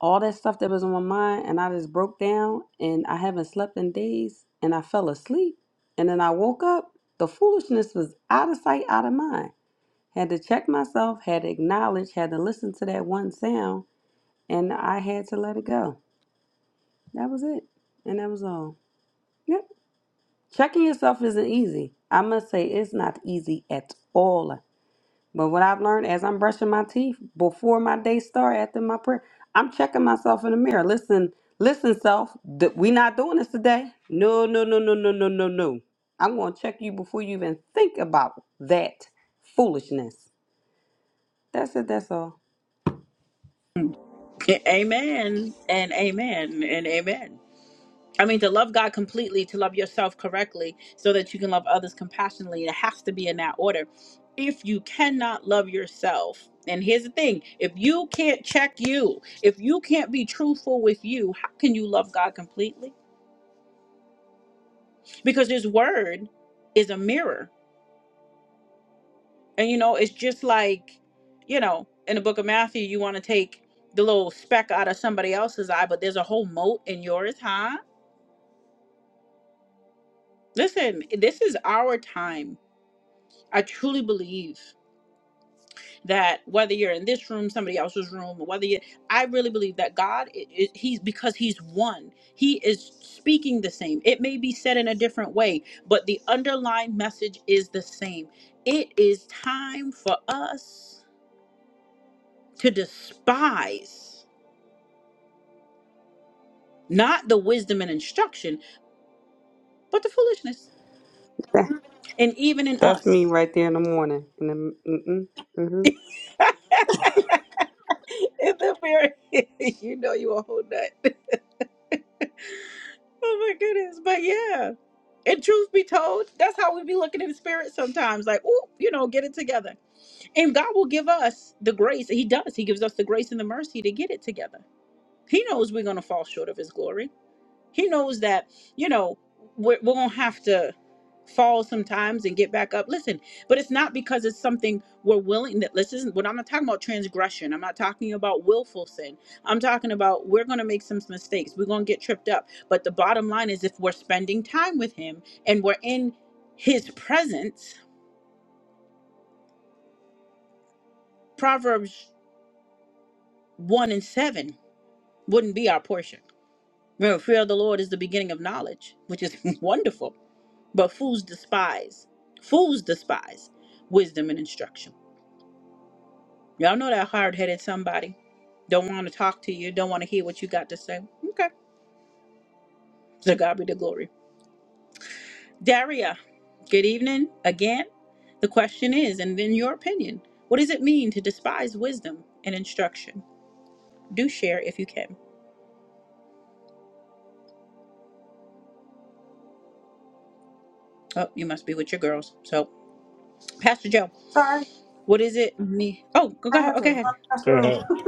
All that stuff that was on my mind, and I just broke down, and I haven't slept in days, and I fell asleep, and then I woke up. The foolishness was out of sight, out of mind. Had to check myself, had to acknowledge, had to listen to that one sound, and I had to let it go. That was it, and that was all. Yep. Checking yourself isn't easy. I must say, it's not easy at all. But what I've learned as I'm brushing my teeth before my day start after my prayer, I'm checking myself in the mirror. Listen, listen, self, th- we not doing this today. No, no, no, no, no, no, no, no. I'm gonna check you before you even think about that foolishness. That's it. That's all.
[laughs] amen and amen and amen. I mean, to love God completely, to love yourself correctly, so that you can love others compassionately, it has to be in that order. If you cannot love yourself, and here's the thing if you can't check you, if you can't be truthful with you, how can you love God completely? Because His word is a mirror. And, you know, it's just like, you know, in the book of Matthew, you want to take the little speck out of somebody else's eye, but there's a whole mote in yours, huh? Listen, this is our time. I truly believe. that whether you're in this room somebody else's room or whether you i really believe that god i i- he's because he's one he is speaking the same it may be said in a different way but the underlying message is the same it is time for us to despise not the wisdom and instruction but the foolishness
That-
and even in
That's me
us
right there in the morning. In the mm-mm, mm-hmm.
[laughs] in the very [laughs] you know you a whole nut [laughs] oh my goodness but yeah And truth be told, that's how we be looking in the spirit sometimes. Like, oh, you know, get it together. And God will give us the grace. He does. He gives us the grace and the mercy to get it together. He knows we're going to fall short of His glory. He knows that, you know, we're, we're going to have to fall sometimes and get back up. Listen, but it's not because it's something we're willing that this isn't what I'm not talking about transgression. I'm not talking about willful sin. I'm talking about we're going to make some mistakes. We're going to get tripped up. But the bottom line is if we're spending time with him and we're in his presence, Proverbs 1 and 7 wouldn't be our portion. Remember, fear of the Lord is the beginning of knowledge, which is [laughs] wonderful But fools despise, fools despise wisdom and instruction. Y'all know that hard headed somebody. Don't want to talk to you, don't want to hear what you got to say. Okay. So God be the glory. Daria, good evening again. The question is, and in your opinion, what does it mean to despise wisdom and instruction? Do share if you can. Oh, you must be with your girls. So, Pastor Joe,
Sorry.
what is it me? Oh, go
I
go,
had to
Okay.
run across the
Go
room.
ahead.
[laughs]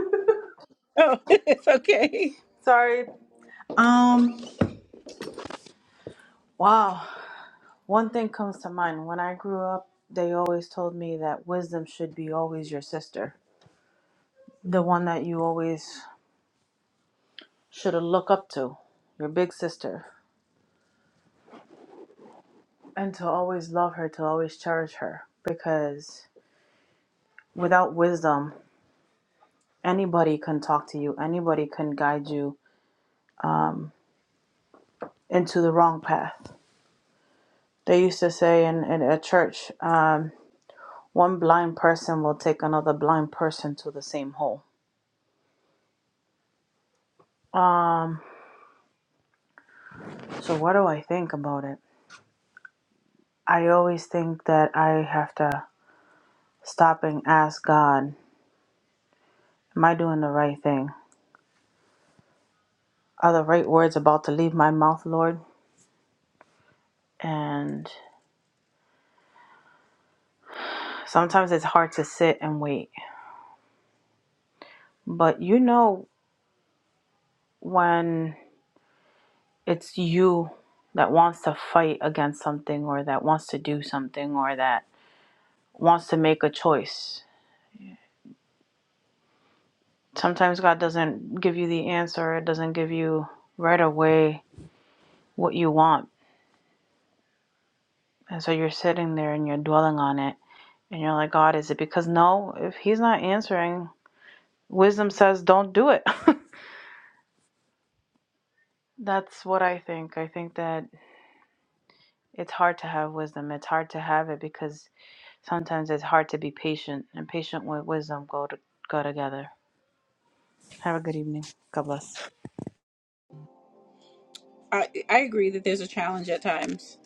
Oh, [laughs] it's okay.
Sorry. Um. Wow. One thing comes to mind. When I grew up, they always told me that wisdom should be always your sister, the one that you always should look up to, your big sister, and to always love her, to always cherish her, because without wisdom, anybody can talk to you, anybody can guide you into the wrong path. They used to say in, in a church. Um, One blind person will take another blind person to the same hole. Um, so what do I think about it? I always think that I have to stop and ask God, am I doing the right thing? Are the right words about to leave my mouth, Lord? And sometimes it's hard to sit and wait. But you know when it's you that wants to fight against something or that wants to do something or that wants to make a choice Sometimes God doesn't give you the answer, it doesn't give you right away what you want. And so you're sitting there and you're dwelling on it. And you're like, God, is it because no, if He's not answering, wisdom says don't do it. [laughs] That's what I think. I think that it's hard to have wisdom. It's hard to have it because sometimes it's hard to be patient, and patient with wisdom go to go together. Have a good evening. God bless.
I I agree that there's a challenge at times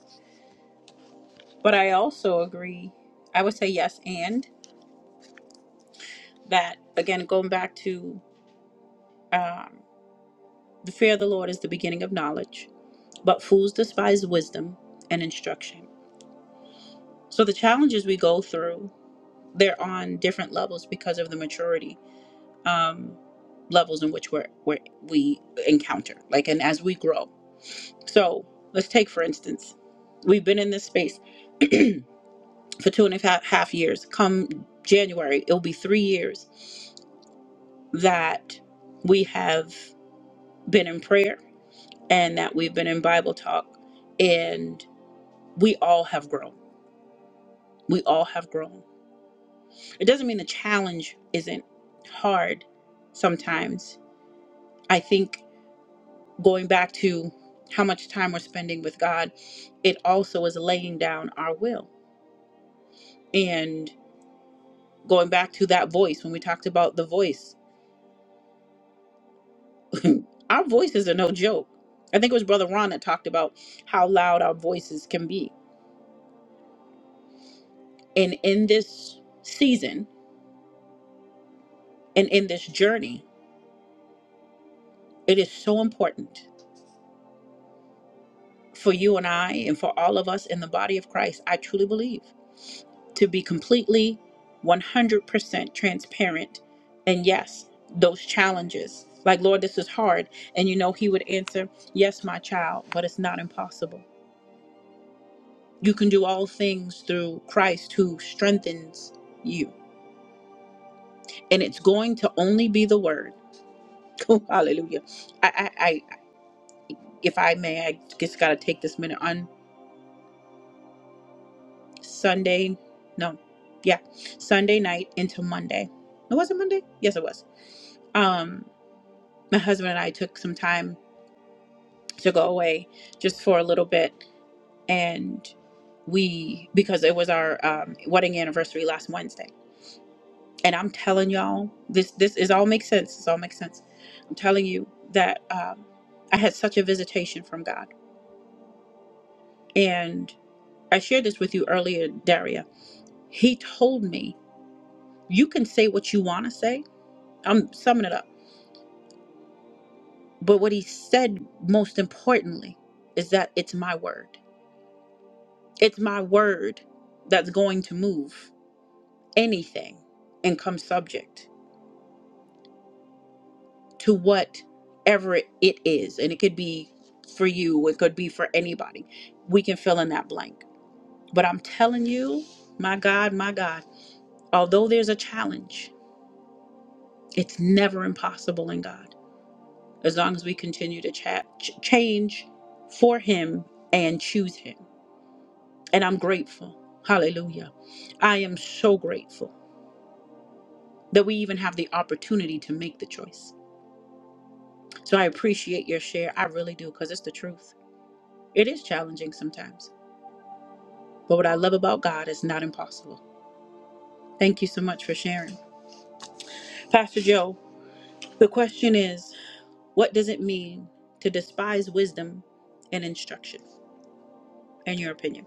But I also agree, I would say yes, and that, again, going back to um, the fear of the Lord is the beginning of knowledge, but fools despise wisdom and instruction. So the challenges we go through, they're on different levels because of the maturity um, levels in which we're, we're, we encounter, like, and as we grow. So let's take, for instance, we've been in this space for two and a half half years. Come January, it'll be three years that we have been in prayer and that we've been in Bible talk, and we all have grown. We all have grown. It doesn't mean the challenge isn't hard sometimes. I think going back to how much time we're spending with God, it also is laying down our will. And going back to that voice, when we talked about the voice, [laughs] our voices are no joke. I think it was Brother Ron that talked about how loud our voices can be And in this season and in this journey, it is so important for you and I, and for all of us in the body of Christ, I truly believe, to be completely 100% transparent. And yes, those challenges, like, Lord, this is hard. And you know, He would answer, Yes, my child, but it's not impossible. You can do all things through Christ who strengthens you. And it's going to only be the word. [laughs] Oh, Hallelujah. I, I. if I may, I just got to take this minute on Sunday. No, yeah, Sunday night into Monday. It wasn't Monday. Yes, it was. Um, my husband and I took some time to go away just for a little bit, and we because it was our um, wedding anniversary last Wednesday. And I'm telling y'all, this this is all makes sense. This all makes sense. I'm telling you that um, I had such a visitation from God, and I shared this with you earlier, Daria He told me, You can say what you want to say. I'm summing it up. But what he said, most importantly, is that it's my word. It's my word that's going to move anything and come subject to whatever it is. And it could be for you, it could be for anybody. We can fill in that blank. But I'm telling you, my God, my God, although there's a challenge, it's never impossible in God. as long as we continue to cha- ch- change for him and choose him. And I'm grateful. Hallelujah. I am so grateful that we even have the opportunity to make the choice. So I appreciate your share. I really do because it's the truth. It is challenging sometimes. But what I love about God is not impossible. Thank you so much for sharing. Pastor Joe, the question is what does it mean to despise wisdom and instruction, in your opinion?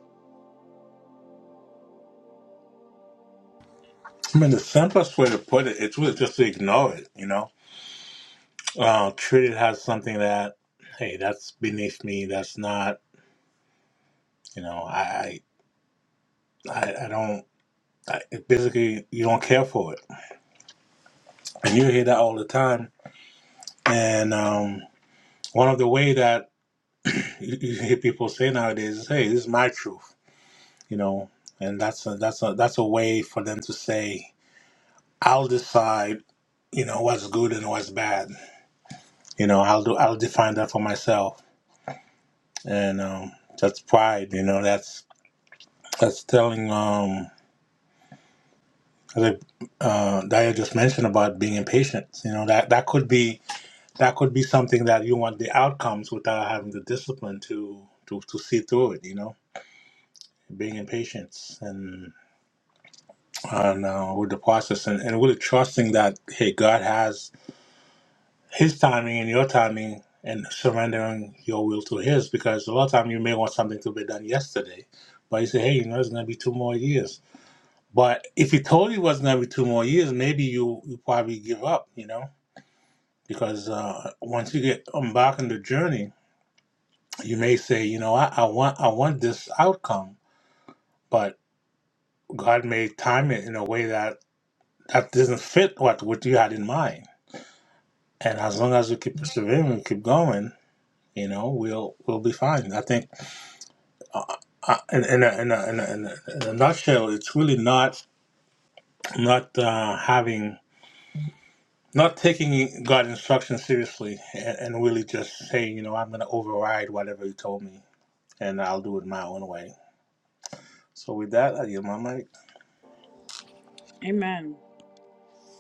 I mean, the simplest way to put it, it's really just to ignore it. You know, uh, treat it as something that hey, that's beneath me. That's not. You know, I I I I don't. I, basically, you don't care for it, and you hear that all the time. And um, one of the way that you, you hear people say nowadays is, "Hey, this is my truth," you know, and that's a, that's a, that's a way for them to say, "I'll decide," you know, what's good and what's bad. You know, I'll do I'll define that for myself, and um, that's pride. You know, that's that's telling. Um, like, uh, Daya just mentioned about being impatient. You know that that could be that could be something that you want the outcomes without having the discipline to to, to see through it you know being impatient and and uh, with the process and, and really trusting that hey god has his timing and your timing and surrendering your will to his because a lot of time you may want something to be done yesterday but you say hey you know it's going to be two more years but if he told you it was going to be two more years maybe you you probably give up you know because uh, once you get embarked on the journey You may say, you know, I, I want I want this outcome, but God may time it in a way that that doesn't fit what what you had in mind. And as long as we keep persevering and keep going, you know, we'll we'll be fine. I think, uh, in, in, a, in, a, in, a, in, a, in a nutshell, it's really not not uh, having not taking God instruction seriously and, and really just saying, you know, I'm going to override whatever you told me and I'll do it my own way. So with that, I give my mic.
Amen.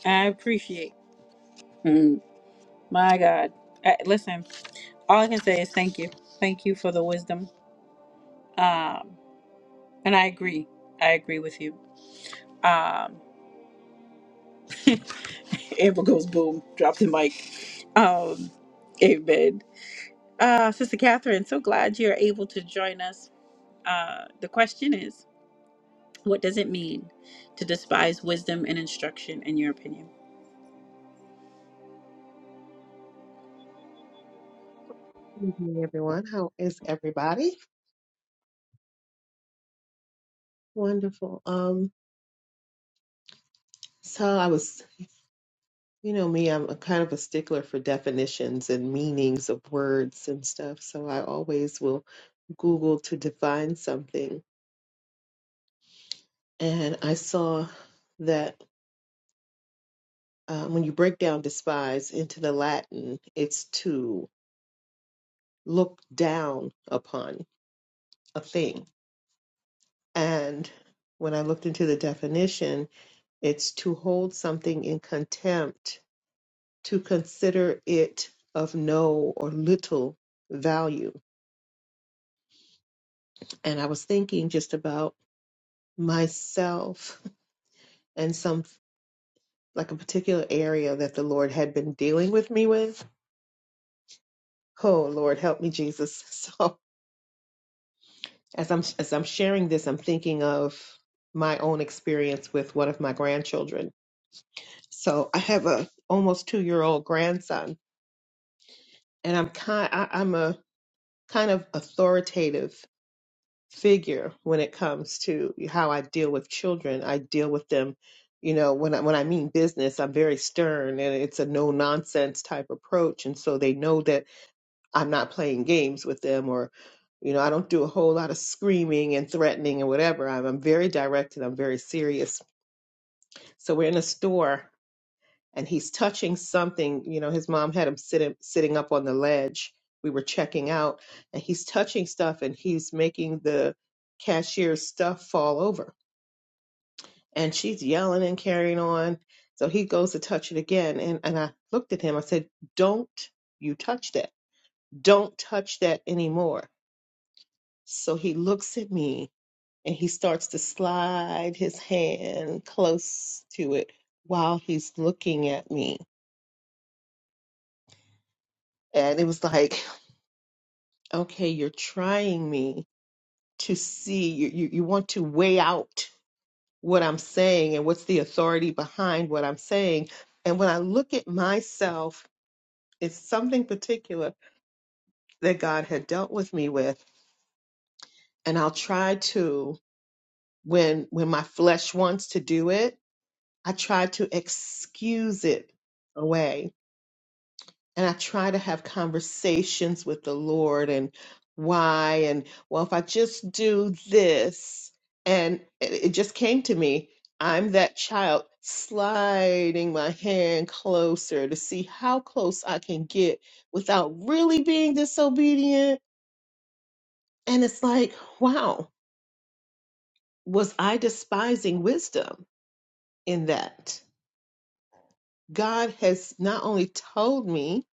I appreciate. My God. I, listen, all I can say is thank you. Thank you for the wisdom. Um, and I agree. I agree with you. Um, [laughs] Amber goes boom, drop the mic. Um, amen. Uh, Sister Catherine, so glad you're able to join us. Uh, the question is What does it mean to despise wisdom and instruction, in your opinion?
Good evening, everyone. How is everybody? Wonderful. Um, so I was, you know, me, I'm a kind of a stickler for definitions and meanings of words and stuff. So I always will Google to define something. And I saw that uh, when you break down despise into the Latin, it's to look down upon a thing. And when I looked into the definition, it's to hold something in contempt to consider it of no or little value. And I was thinking just about myself and some, like a particular area that the Lord had been dealing with me with. Oh, Lord, help me, Jesus. [laughs] So as I'm, as I'm sharing this, I'm thinking of my own experience with one of my grandchildren. So I have a almost two year old grandson and I'm kind, I, I'm a kind of authoritative figure when it comes to how I deal with children. I deal with them, you know, when I, when I mean business, I'm very stern and it's a no nonsense type approach. And so they know that I'm not playing games with them or, you know, I don't do a whole lot of screaming and threatening and whatever. I'm, I'm very direct and I'm very serious. So we're in a store and he's touching something. You know, his mom had him sitting sitting up on the ledge. We were checking out, and he's touching stuff, and he's making the cashier's stuff fall over. And she's yelling and carrying on. So he goes to touch it again, and and I looked at him. I said, "Don't you touch that? Don't touch that anymore." So he looks at me, and he starts to slide his hand close to it while he's looking at me and it was like okay, you're trying me to see, you, you, you want to weigh out what I'm saying and what's the authority behind what I'm saying. And when I look at myself, it's something particular that God had dealt with me with. And I'll try to, when when my flesh wants to do it, I try to excuse it away and I try to have conversations with the Lord and why and well if I just do this and it, it just came to me I'm that child sliding my hand closer to see how close I can get without really being disobedient and it's like wow was I despising wisdom in that God has not only told me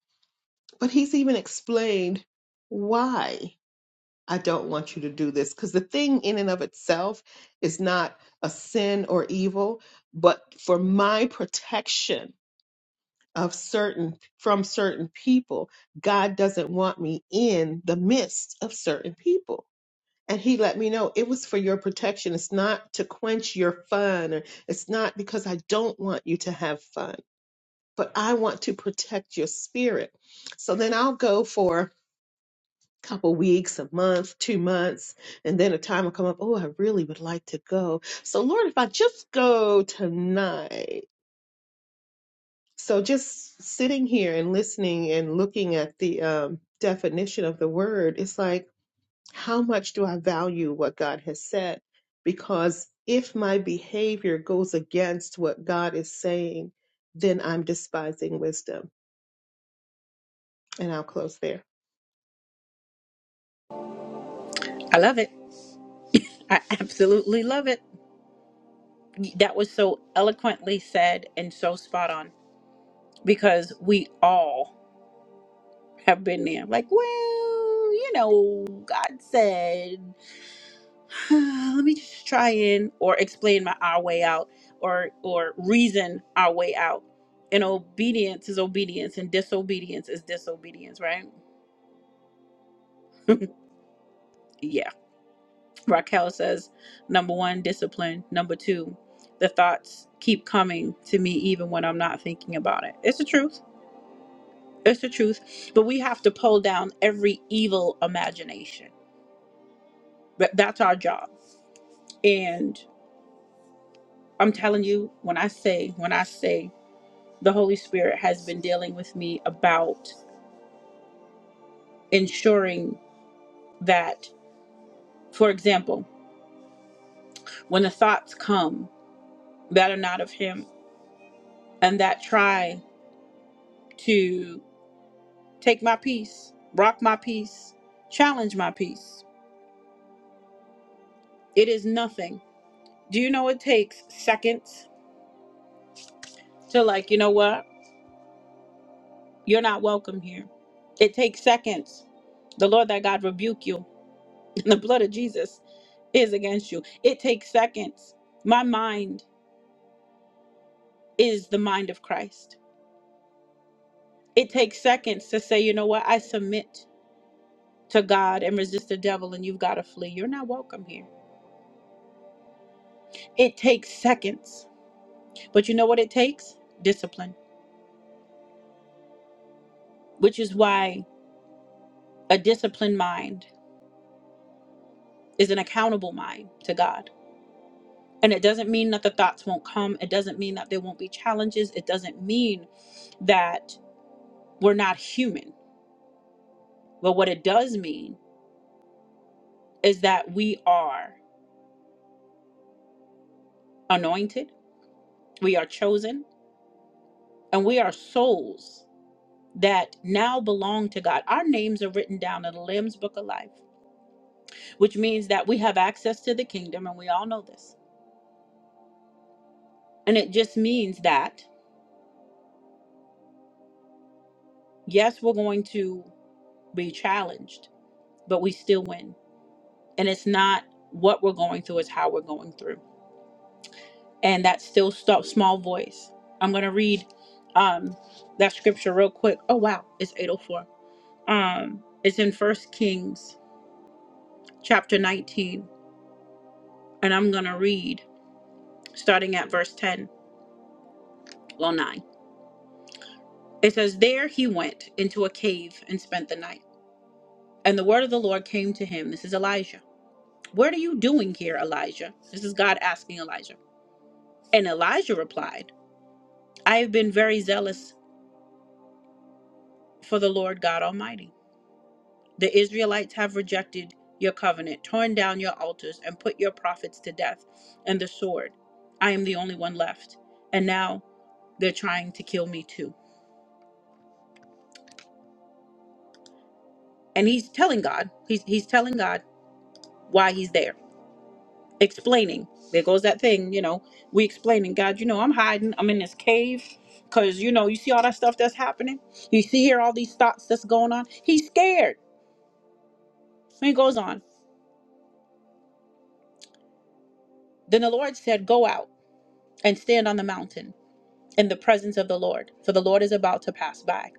but he's even explained why I don't want you to do this. Because the thing in and of itself is not a sin or evil, but for my protection of certain from certain people, God doesn't want me in the midst of certain people. And he let me know it was for your protection. It's not to quench your fun, or it's not because I don't want you to have fun, but I want to protect your spirit. So then I'll go for couple weeks, a month, two months, and then a time will come up, oh, I really would like to go. So, Lord, if I just go tonight. So, just sitting here and listening and looking at the um, definition of the word, it's like, how much do I value what God has said? Because if my behavior goes against what God is saying, then I'm despising wisdom. And I'll close there.
I love it. I absolutely love it. That was so eloquently said and so spot on because we all I've been there. Like, well, you know, God said, [sighs] let me just try and or explain my our way out or or reason our way out. And obedience is obedience and disobedience is disobedience, right? [laughs] yeah. Raquel says, number one, discipline. Number two, the thoughts keep coming to me even when I'm not thinking about it. It's the truth. It's the truth. But we have to pull down every evil imagination. That- That's our job And I'm telling you, when I say, when I say the Holy Spirit has been dealing with me about ensuring that, for example, when the thoughts come that are not of Him and that try to take my peace, rock my peace, challenge my peace, it is nothing. Do you know it takes seconds to, like, you know what? You're not welcome here. It takes seconds. The Lord Thy God rebuke you. The blood of Jesus is against you. It takes seconds. My mind is the mind of Christ. It takes seconds to say, you know what, I submit to God and resist the devil, and you've got to flee. You're not welcome here. It takes seconds. But you know what it takes? Discipline, which is why a disciplined mind is an accountable mind to God. And it doesn't mean that the thoughts won't come. It doesn't mean that there won't be challenges. It doesn't mean that we're not human. But what it does mean is that we are anointed, we are chosen, and we are souls that now belong to God. Our names are written down in the Lamb's Book of Life, which means that we have access to the kingdom, and we all know this. And it just means that, yes, we're going to be challenged, but we still win. And it's not what we're going through, it's how we're going through. And that still st- small voice. I'm going to read um, that scripture real quick. Oh, wow, it's 804 Um, it's in First Kings chapter 19, and I'm gonna read starting at verse 10, well 9. It says, There he went into a cave and spent the night. And the word of the Lord came to him. This is Elijah. What are you doing here, Elijah? This is God asking Elijah. And Elijah replied, I have been very zealous for the Lord God Almighty. The Israelites have rejected your covenant, torn down your altars, and put your prophets to death and the sword. I am the only one left. And now They're trying to kill me too. And he's telling God, he's he's telling God why he's there, explaining. There goes that thing, you know. We explaining, God, you know, I'm hiding. I'm in this cave because you know, you see all that stuff that's happening. You see here all these thoughts that's going on. He's scared. And he goes on. Then the Lord said, Go out and stand on the mountain in the presence of the Lord, for the Lord is about to pass by.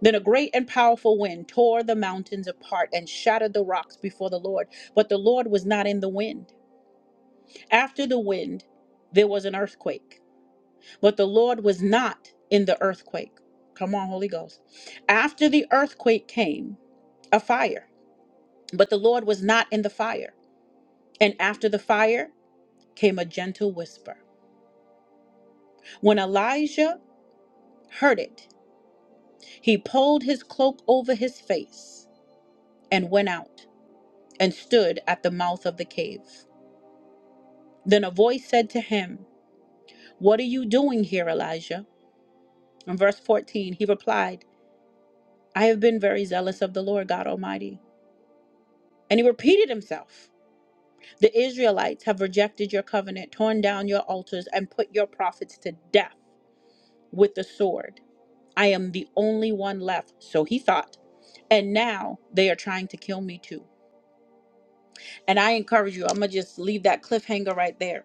Then a great and powerful wind tore the mountains apart and shattered the rocks before the Lord. But the Lord was not in the wind. After the wind, there was an earthquake, but the Lord was not in the earthquake. Come on, Holy Ghost. After the earthquake came a fire, but the Lord was not in the fire. And after the fire came a gentle whisper. When Elijah heard it, he pulled his cloak over his face and went out and stood at the mouth of the cave. Then a voice said to him, What are you doing here, Elijah? In verse 14, he replied, I have been very zealous of the Lord God Almighty. And he repeated himself. The Israelites have rejected your covenant, torn down your altars, and put your prophets to death with the sword. I am the only one left, so he thought. And now they are trying to kill me too. And I encourage you, I'm going to just leave that cliffhanger right there.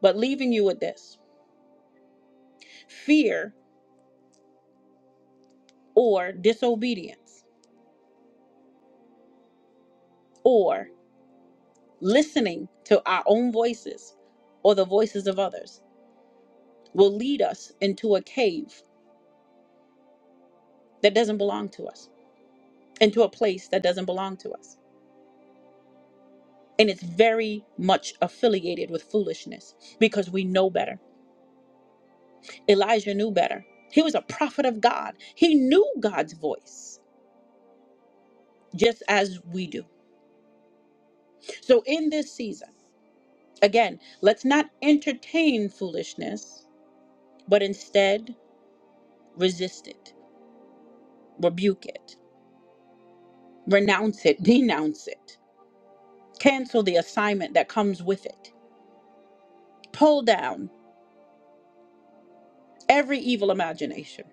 But leaving you with this fear or disobedience or listening to our own voices or the voices of others will lead us into a cave that doesn't belong to us, into a place that doesn't belong to us. And it's very much affiliated with foolishness because we know better. Elijah knew better. He was a prophet of God, he knew God's voice just as we do. So, in this season, again, let's not entertain foolishness, but instead resist it, rebuke it, renounce it, [laughs] denounce it, cancel the assignment that comes with it, pull down every evil imagination.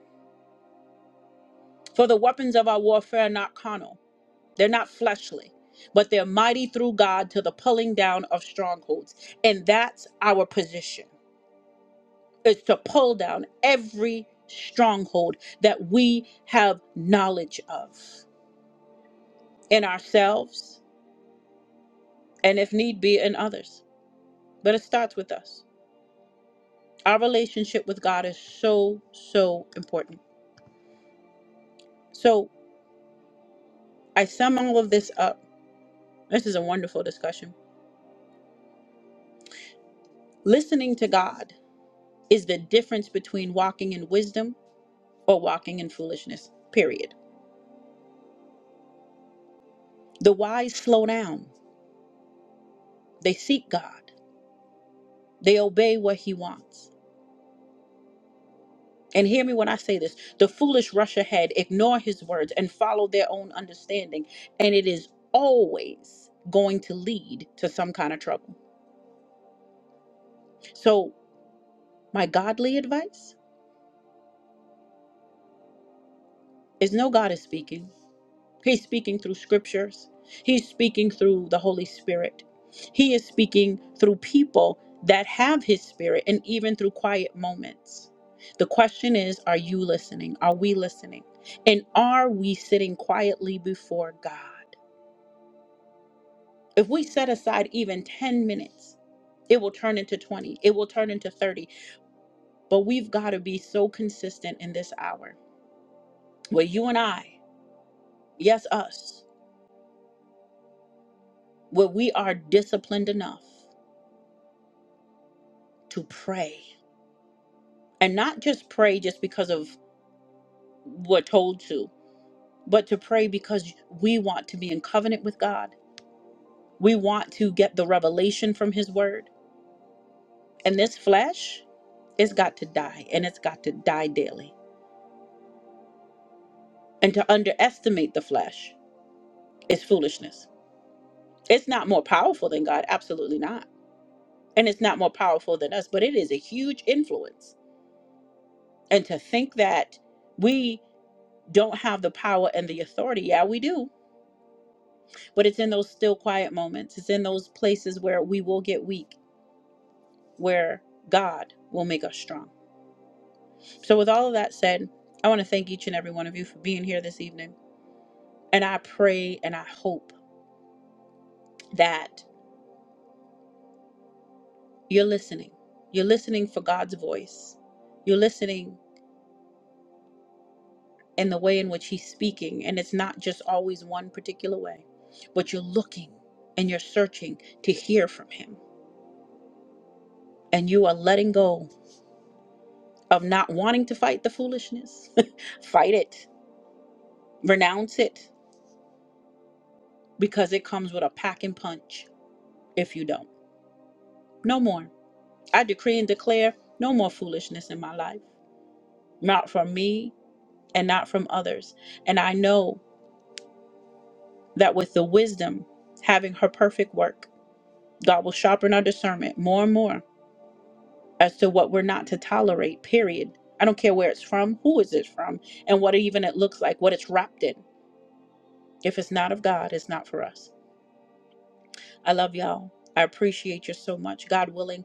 For the weapons of our warfare are not carnal, they're not fleshly, but they're mighty through God to the pulling down of strongholds. And that's our position, is to pull down every stronghold that we have knowledge of in ourselves and if need be in others. But it starts with us. Our relationship with God is so, so important. So I sum all of this up. This is a wonderful discussion. Listening to God is the difference between walking in wisdom or walking in foolishness, period. The wise slow down, they seek God, they obey what He wants. And hear me when I say this the foolish rush ahead, ignore His words, and follow their own understanding. And it is always going to lead to some kind of trouble. So, my godly advice is no God is speaking. He's speaking through scriptures. He's speaking through the Holy Spirit. He is speaking through people that have his spirit and even through quiet moments. The question is are you listening? Are we listening? And are we sitting quietly before God? If we set aside even 10 minutes, it will turn into 20, it will turn into 30. But we've got to be so consistent in this hour where you and I, yes, us, where we are disciplined enough to pray and not just pray just because of we're told to but to pray because we want to be in covenant with god we want to get the revelation from his word and this flesh it's got to die and it's got to die daily and to underestimate the flesh is foolishness it's not more powerful than god absolutely not and it's not more powerful than us but it is a huge influence and to think that we don't have the power and the authority yeah we do But it's in those still quiet moments. It's in those places where we will get weak, where God will make us strong. So, with all of that said, I want to thank each and every one of you for being here this evening. And I pray and I hope that you're listening. You're listening for God's voice. You're listening in the way in which He's speaking. And it's not just always one particular way, but you're looking and you're searching to hear from Him. And you are letting go of not wanting to fight the foolishness. [laughs] fight it Renounce it because it comes with a pack and punch if you don't. No more. I decree and declare no more foolishness in my life, not from me and not from others. And I know that with the wisdom having her perfect work, God will sharpen our discernment more and more as to what we're not to tolerate, period. I don't care where it's from, who is it from, and what even it looks like, what it's wrapped in. If it's not of God, it's not for us. I love y'all. I appreciate you so much. God willing,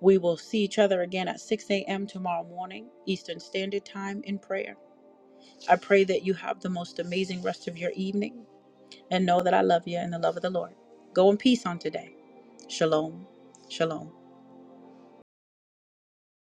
We will see each other again at 6 a.m. tomorrow morning, Eastern Standard Time, in prayer. I pray that you have the most amazing rest of your evening and know that I love you in the love of the Lord. Go in peace on today. Shalom. Shalom.